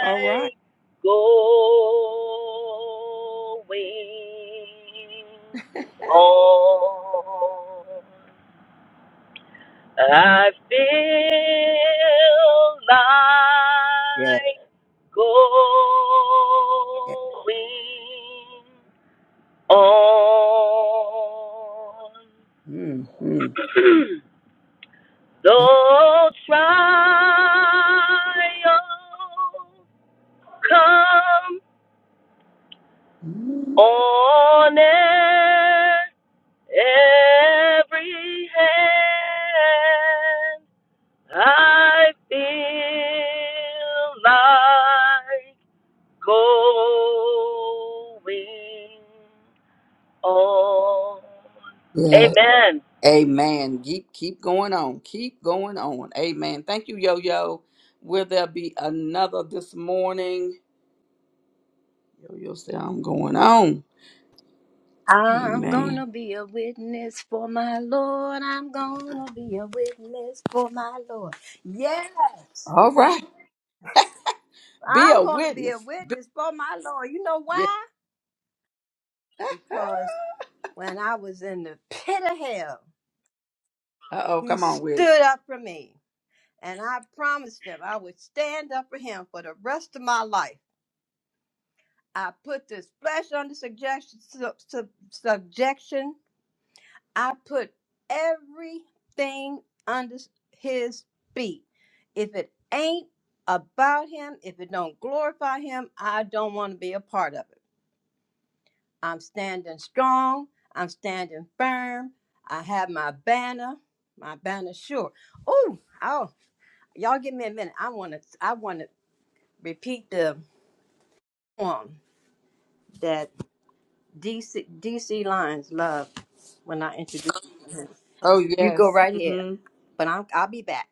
C: All right.
B: going on. I feel
C: Yeah.
B: like going on.
C: Mm-hmm.
B: Though trials come on e-, every hand, I feel like going on.
C: Yeah.
B: Amen.
C: Amen. Keep keep going on. Keep going on. Amen. Thank you, Yo Yo. Will there be another this morning? Yo Yo said, "I'm going on."
F: I'm gonna
C: Amen.
F: be a witness for my Lord. I'm gonna be a witness for my Lord. Yes,
C: All right. Be
F: I'm
C: a
F: gonna be a
C: witness. Be-
F: witness for my Lord. You know
C: yeah.
F: why? Because when I was in the pit of hell,
C: Uh oh.
F: He
C: Come on with it.
F: stood up for me. And I promised Him I would stand up for Him for the rest of my life. I put this flesh under subjection, sub, sub- subjection I put everything under his feet. If it ain't about him, if it don't glorify him, I don't want to be a part of it. I'm standing strong. I'm standing firm. I have my banner, my banner sure. Ooh, oh, y'all give me a minute. I want to, I want to repeat the poem that DC, DC Lions love when I introduce you.
C: Oh
F: You go
C: yes.
F: right here,
C: hmm
F: but I'm, I'll be back.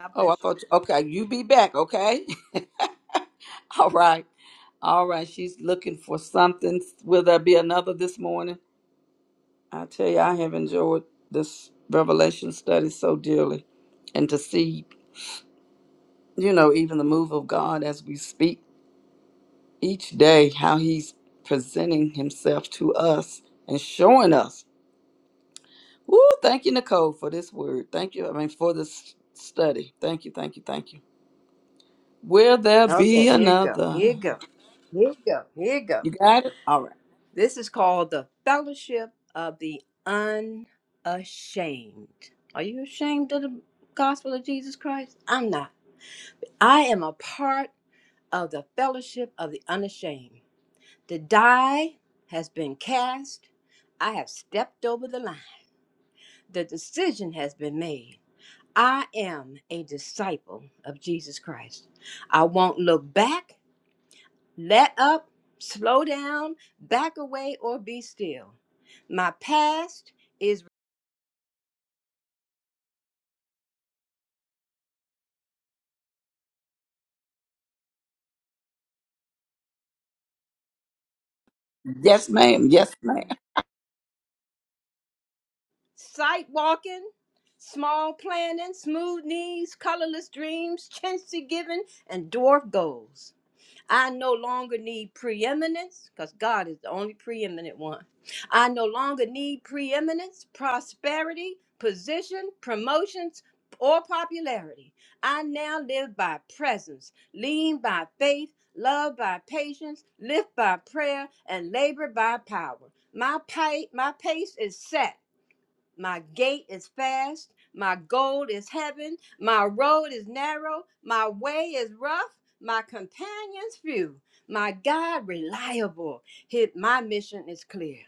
F: God
C: Oh, I
F: bless you.
C: thought. You, okay, you be back. Okay. All right. All right. She's looking for something. Will there be another this morning? I tell you, I have enjoyed this revelation study so dearly. And to see, you know, even the move of God as we speak each day, how He's presenting Himself to us and showing us. Woo, thank you, Nicole, for this word. Thank you, I mean, for this study. Thank you, thank you, thank you. Will there
F: Okay,
C: be
F: here you go. Here
C: another?
F: you go. Here you go. Here you go.
C: You got it? All right.
F: This is called the Fellowship of the Unashamed. Are you ashamed of the gospel of Jesus Christ? I'm not. I am a part of the Fellowship of the Unashamed. The die has been cast. I have stepped over the line. The decision has been made. I am a disciple of Jesus Christ. I won't look back. Let up, slow down, back away, or be still. My past is
C: Yes, ma'am. Yes, ma'am.
F: sight walking, small planning, smooth knees, colorless dreams, chintzy giving, and dwarf goals. I no longer need preeminence because God is the only preeminent one. I no longer need preeminence, prosperity, position, promotions, or popularity. I now live by presence, lean by faith, love by patience, lift by prayer, and labor by power. My, pa- my pace is set. My gate is fast. My goal is heaven. My road is narrow. My way is rough. My companions few. My God reliable. His, my mission is clear.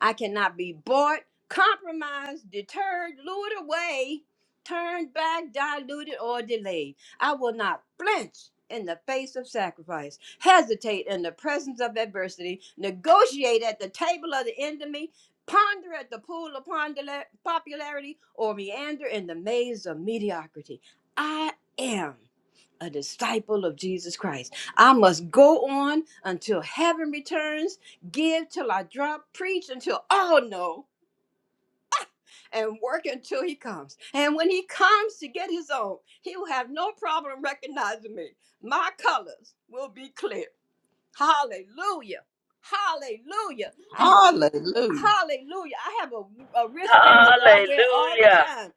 F: I cannot be bought, compromised, deterred, lured away, turned back, diluted, or delayed. I will not flinch in the face of sacrifice, hesitate in the presence of adversity, negotiate at the table of the enemy, ponder at the pool of pondula- popularity or meander in the maze of mediocrity. I am a disciple of Jesus Christ. I must go on until heaven returns, give till I drop, preach until all know, and work until he comes. And when he comes to get his own, he will have no problem recognizing me. My colors will be clear. Hallelujah. Hallelujah. I have a
C: Hallelujah.
F: hallelujah. I have a, a wristband that I wear all the
B: Hallelujah.
F: time.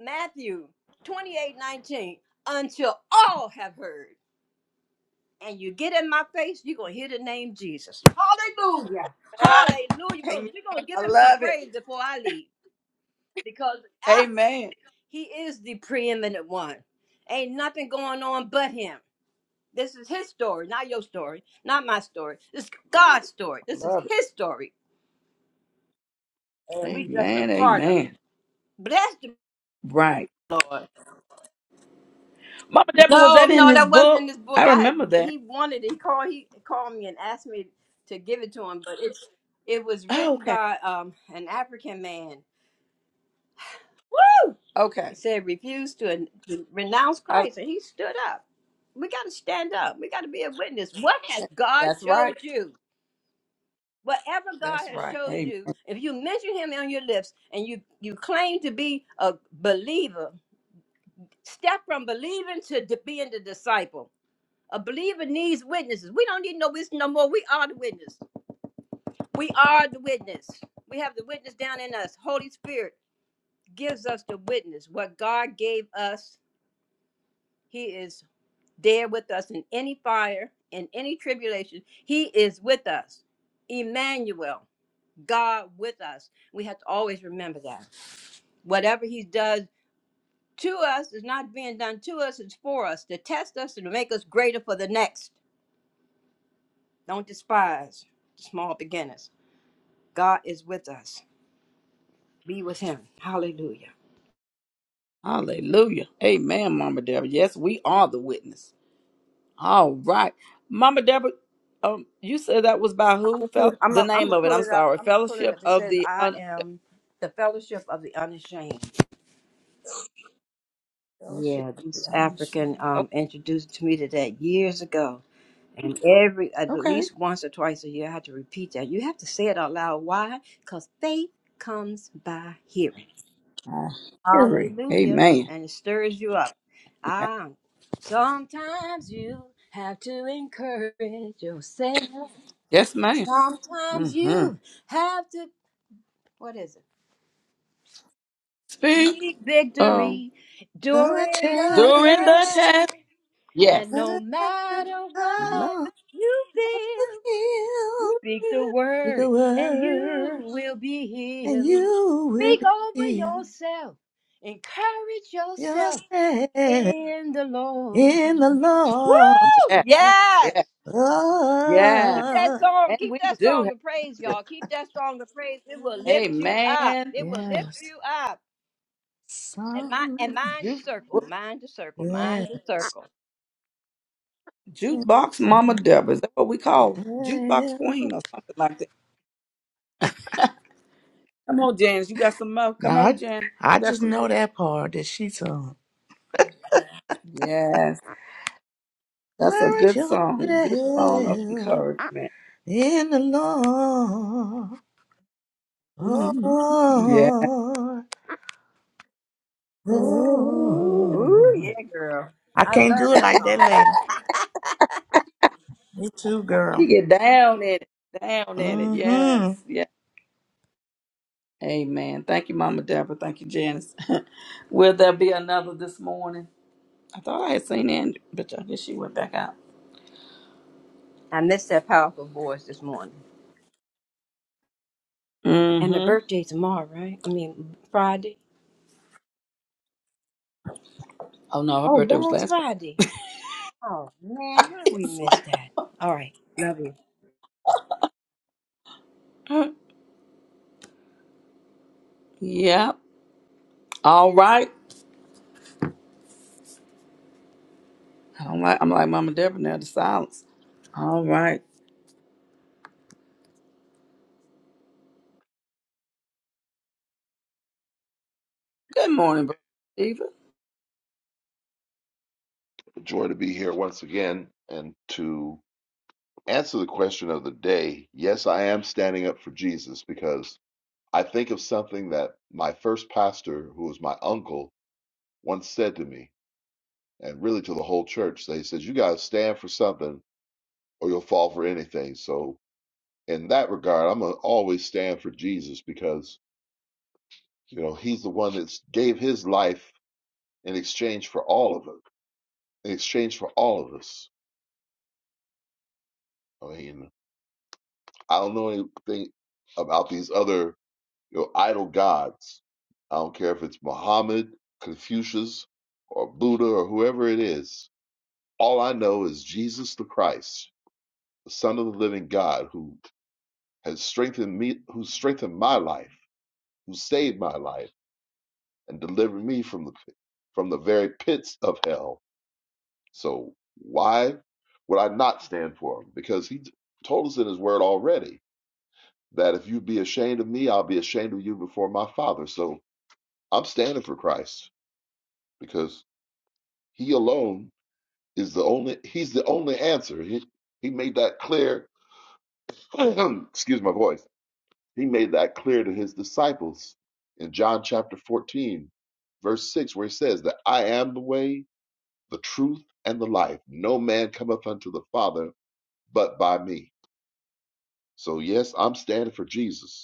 F: Matthew 28, 19. Until all have heard. And you get in my face, you're gonna hear the name Jesus. Hallelujah. Hallelujah. We're
C: Amen.
F: gonna, we're gonna
C: I
F: give him some
C: love it.
F: praise before I leave. Because ah,
C: Amen.
F: he is the preeminent one. Ain't nothing going on but him. This is his story, not your story, not my story. This is God's story. This is
C: Love it.
F: his story. And we just a
C: Amen.
F: part of it.
C: Amen.
F: Bless the
C: Right.
F: Lord.
C: Mama Deborah, was
F: No,
C: that in
F: no,
C: his
F: that wasn't in
C: book?
F: this book.
C: I
F: I had
C: remember that.
F: he wanted it. He called he called me and asked me to give it to him, but it's it was
C: Oh,
F: written
C: okay.
F: by um an African man. Woo! He
C: Okay.
F: said refuse to, to renounce
C: I,
F: Christ and he stood up. We gotta stand up. We gotta be a witness. What has God
C: that's
F: showed
C: right.
F: you? whatever God
C: That's
F: has
C: right.
F: showed
C: Amen.
F: you, if you mention him on your lips and you you claim to be a believer, step from believing to di- being the disciple. A believer needs witnesses. We don't need no witness no more. We are the witness. We are the witness. We have the witness down in us. Holy Spirit gives us the witness. What God gave us, He is there with us in any fire, in any tribulation. He is with us. Emmanuel, God with us. We have to always remember that. Whatever he does to us is not being done to us, it's for us to test us and to make us greater for the next. Don't despise small beginners. God is with us. Be with him. Hallelujah.
C: Hallelujah. Amen, Mama Deborah. Yes, we are the witness. All right. Mama Deborah, um, you said that was by
F: I'm
C: who?
F: gonna, see-
C: Fel-
F: I'm
C: the
F: gonna, I'm
C: name
F: gonna
C: of it.
F: pull
C: I'm
F: it up.
C: sorry.
F: I'm gonna pull it
C: Fellowship
F: up. It
C: of
F: says,
C: the
F: "I
C: Un-
F: am the fellowship of the unashamed."
C: Fellowship
F: Yeah,
C: of
F: this
C: the
F: African
C: Unashamed.
F: um,
C: Okay.
F: introduced to me to that years ago, and every at
C: Okay.
F: least once or twice a year, I had to repeat that. You have to say it out loud. Why? Because faith comes by hearing.
C: I hear it.
F: Hallelujah.
C: Amen.
F: And it stirs you up. Ah, sometimes you have to encourage yourself.
C: Yes, ma'am.
F: Sometimes
C: Mm-hmm.
F: you have to, what is it?
C: Speak.
F: Seek
C: um,
F: victory
E: the
F: during the
C: During the
E: test.
C: test.
F: test.
C: Yes.
F: And no matter what
E: I'll
F: you feel,
E: heal
F: speak the
E: the
F: word and you
E: word.
F: will be
E: and
F: healed.
E: you will
F: Speak
E: be
F: over
E: healed.
F: yourself. Encourage yourself
E: Just stay
F: in the Lord.
E: in the Lord.
F: Woo!
C: Yes. Yes.
F: Yes.
C: Yes.
F: Keep that
E: Oh,
F: song.
C: And
F: Keep
C: we
F: that
C: do
F: song
C: have
F: of praise,
C: to do that.
F: y'all. Keep that song of praise. It will lift you up.
C: Amen.
F: It will lift
E: yes.
F: you up. And mind, and
E: Some,
F: mind your
C: Juke,
F: circle.
C: what-
F: Mind your circle. Mind
E: yes.
F: your circle.
C: jukebox Mama Deborah. Is that what we call jukebox queen or something like that? Come on, Janice. You got some more. Come
E: Now,
C: on,
E: I,
C: Jan.
E: I
C: You got
E: just
C: some
E: know
C: more.
E: that part that she sung.
C: Yes. That's a
E: Courage
C: good
E: yourself
C: song. Good song of encouragement.
E: in the Lord. Oh,
C: hmm Yeah. Ooh.
F: Ooh,
E: oh.
F: yeah, girl.
E: I
F: I
E: can't
F: love
E: do it
F: that
E: like that
F: song.
E: lady. Me too, girl.
C: You get down in it. Down in it. Yes.
E: hmm
C: Yes. Amen. Thank you, Mama Deborah. Thank you, Janice. Will there be another this morning? I thought I had seen Andrew, but I guess she went back out.
F: I missed that powerful voice this morning. And the
C: Mm-hmm.
F: birthday tomorrow, right? I mean, Friday.
C: Oh no, her
F: Oh,
C: birthday was
F: that's
C: last
F: Friday. Oh, man,
C: Friday.
F: how we missed that. All right. Love you.
C: yeah. All right. I don't like I'm like Mama Deborah now, the silence. All right. Good morning, Brother Stephen.
G: A joy to be here once again and to answer the question of the day. Yes, I am standing up for Jesus because I think of something that my first pastor, who was my uncle, once said to me, and really to the whole church. They says, "You gotta stand for something, or you'll fall for anything." So, in that regard, I'm gonna always stand for Jesus because you know He's the one that gave His life in exchange for all of us. In exchange for all of us. I mean. I don't know anything about these other you know, idol gods. I don't care if it's Muhammad, Confucius, or Buddha, or whoever it is. All I know is Jesus the Christ, the Son of the Living God, who has strengthened me, who strengthened my life, who saved my life, and delivered me from the from the very pits of hell. So why would I not stand for him? Because he told us in his word already that if you be ashamed of me, I'll be ashamed of you before my Father. So I'm standing for Christ because He alone is the only. He's the only answer. He He made that clear. excuse my voice. He made that clear to His disciples in John chapter 14, verse 6, where He says that I am the way, the truth, and the life. No man cometh unto the Father but by me. So yes, I'm standing for Jesus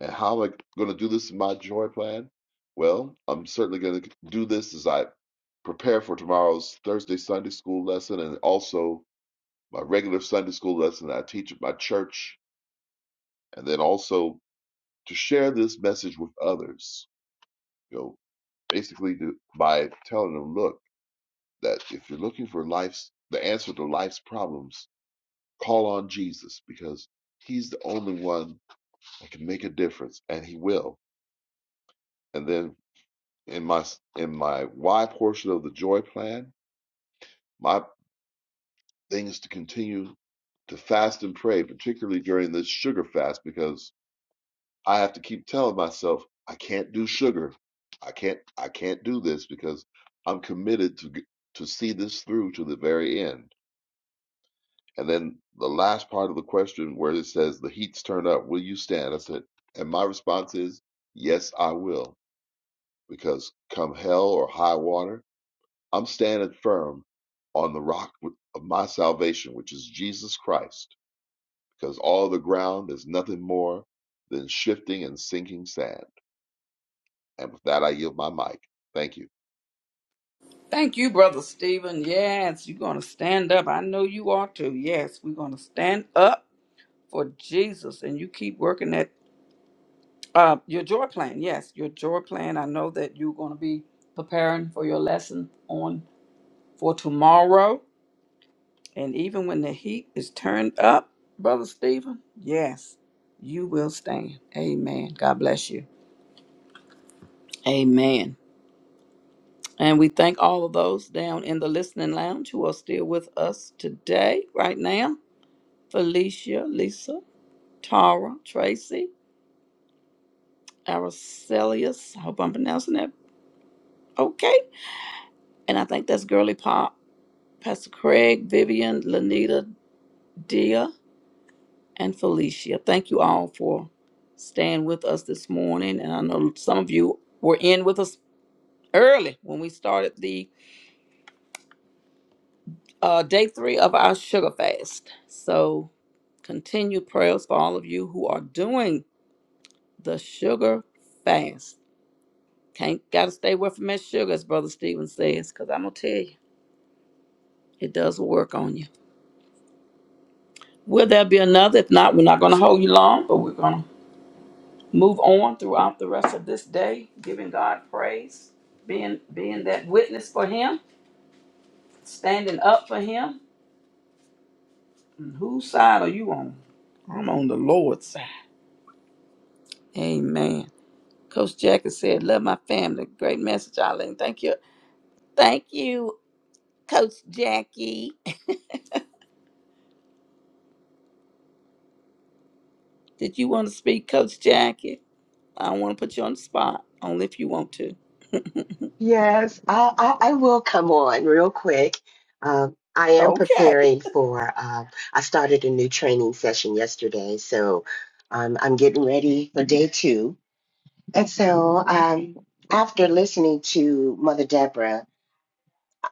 G: And how am I going to do this in my joy plan? Well, I'm certainly going to do this as I prepare for tomorrow's Thursday Sunday school lesson and also my regular Sunday school lesson that I teach at my church, and then also to share this message with others. You know, basically to, by telling them, look, that if you're looking for life's the answer to life's problems, call on Jesus because he's the only one that can make a difference, and he will. And then in my in my why portion of the joy plan, my thing is to continue to fast and pray, particularly during this sugar fast, because I have to keep telling myself I can't do sugar, I can't I can't do this because I'm committed to to see this through to the very end. And then the last part of the question where it says the heat's turned up, will you stand? I said, and my response is yes, I will, because come hell or high water. I'm standing firm on the rock of my salvation, which is Jesus Christ, because all the ground is nothing more than shifting and sinking sand. And with that, I yield my mic. Thank you.
C: Thank you, Brother Stephen. Yes, you're gonna stand up. I know you are too. Yes, we're gonna stand up for Jesus and you keep working that Uh, your joy plan, yes, your joy plan. I know that you're going to be preparing for your lesson on for tomorrow, and even when the heat is turned up, brother Stephen, yes, you will stand. Amen. God bless you. Amen. And we thank all of those down in the listening lounge who are still with us today, right now. Felicia, Lisa, Tara, Tracy, Aracelius. I hope I'm pronouncing that okay. And I think that's Girly Pop Pastor Craig, Vivian, Lanita, Dia, and Felicia. Thank you all for staying with us this morning. And I know some of you were in with us early when we started the uh, day three of our sugar fast. So continue prayers for all of you who are doing the sugar fast. Can't gotta stay away from that sugar, as Brother Stephen says, because I'm gonna tell you, it does work on you. Will there be another? If not, we're not gonna hold you long, but we're gonna move on throughout the rest of this day, giving God praise, being being that witness for Him, standing up for Him. And whose side are you on? I'm on the Lord's side. Amen. Coach Jackie said, "Love my family." Great message, Eileen. Thank you. Thank you, Coach Jackie. Did you want to speak, Coach Jackie? I don't want to put you on the spot. Only if you want to.
H: Yes, I, I, I will come on real quick. Um, I am
C: Okay.
H: preparing for, uh, I started a new training session yesterday, so um, I'm getting ready for day two. And so um, after listening to Mother Deborah,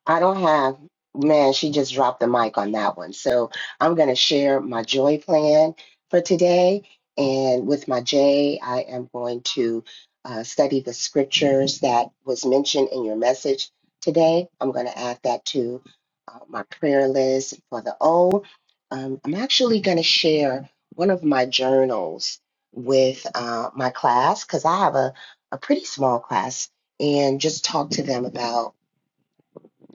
H: I don't have, man, she just dropped the mic on that one. So I'm going to share my joy plan for today. And with my J, I am going to uh, study the scriptures that was mentioned in your message today. I'm going to add that to uh, my prayer list for the O. Um, I'm actually going to share one of my journals with uh, my class because I have a, a pretty small class and just talk to them about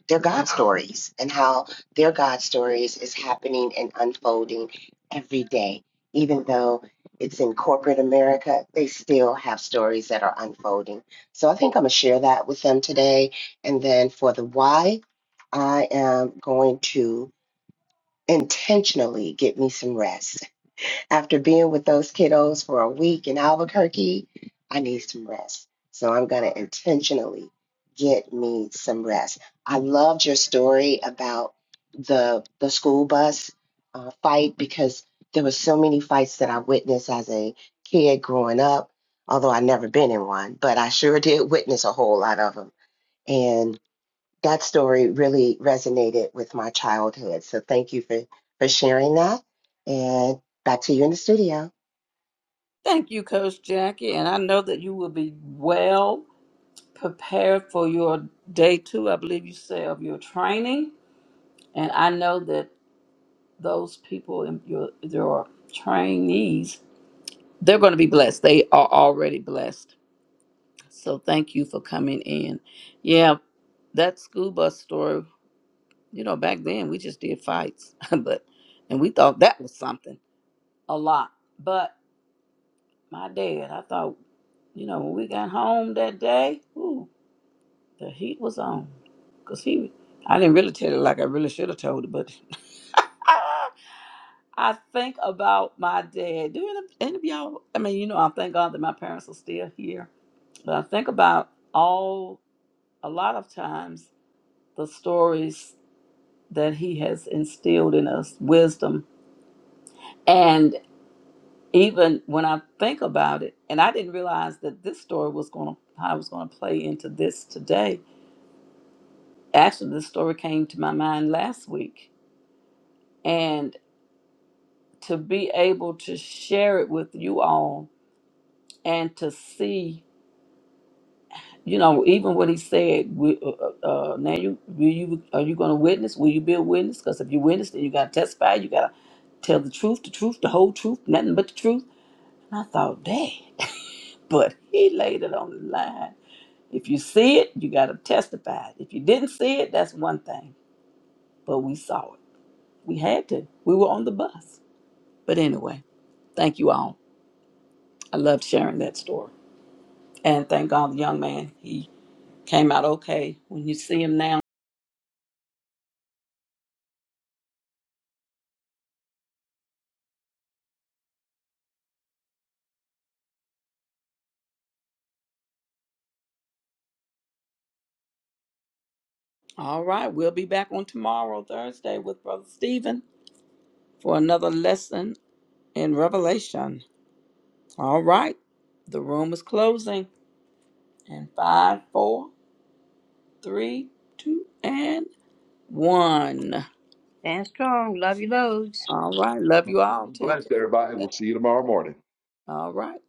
H: their God stories and how their God stories is happening and unfolding every day. Even though it's in corporate America, they still have stories that are unfolding. So I think I'm going to share that with them today. And then for the why, I am going to intentionally get me some rest. After being with those kiddos for a week in Albuquerque, I need some rest. So I'm going to intentionally get me some rest. I loved your story about the the school bus uh, fight because there were so many fights that I witnessed as a kid growing up, although I never been in one, but I sure did witness a whole lot of them. And that story really resonated with my childhood. So thank you for, for sharing that. And back to you in the studio.
C: Thank you, Coach Jackie. And I know that you will be well prepared for your day two, I believe you say, of your training. And I know that those people in your your trainees, they're going to be blessed. They are already blessed. So thank you for coming in. Yeah, that school bus story. You know, back then we just did fights, but and we thought that was something a lot. But my dad, I thought, you know, when we got home that day, ooh. The heat was on. Cause he I didn't really tell it like I really should have told it, but I think about my dad. Do any, any of y'all I mean, you know, I thank God that my parents are still here. But I think about all a lot of times the stories that he has instilled in us, wisdom. And even when I think about it, and I didn't realize that this story was gonna how I was gonna play into this today. Actually this story came to my mind last week and to be able to share it with you all and to see you know even what he said we- uh, uh, uh, now you will you are you going to witness will you be a witness because if you witness then you got to testify you got to tell the truth the truth the whole truth nothing but the truth and i thought dang but he laid it on the line if you see it you got to testify if you didn't see it that's one thing but we saw it we had to we were on the bus but anyway thank you all i loved sharing that story And thank God the young man, he came out okay when you see him now. All right, we'll be back on tomorrow, Thursday, with Brother Stephen for another lesson in Revelation. All right, the room is closing in five, four, three, two, and one.
F: Stand strong. Love you loads.
C: All right, love you all.
G: Be
C: Take
G: blessed,
C: care.
G: everybody. We'll see you tomorrow morning.
C: All right.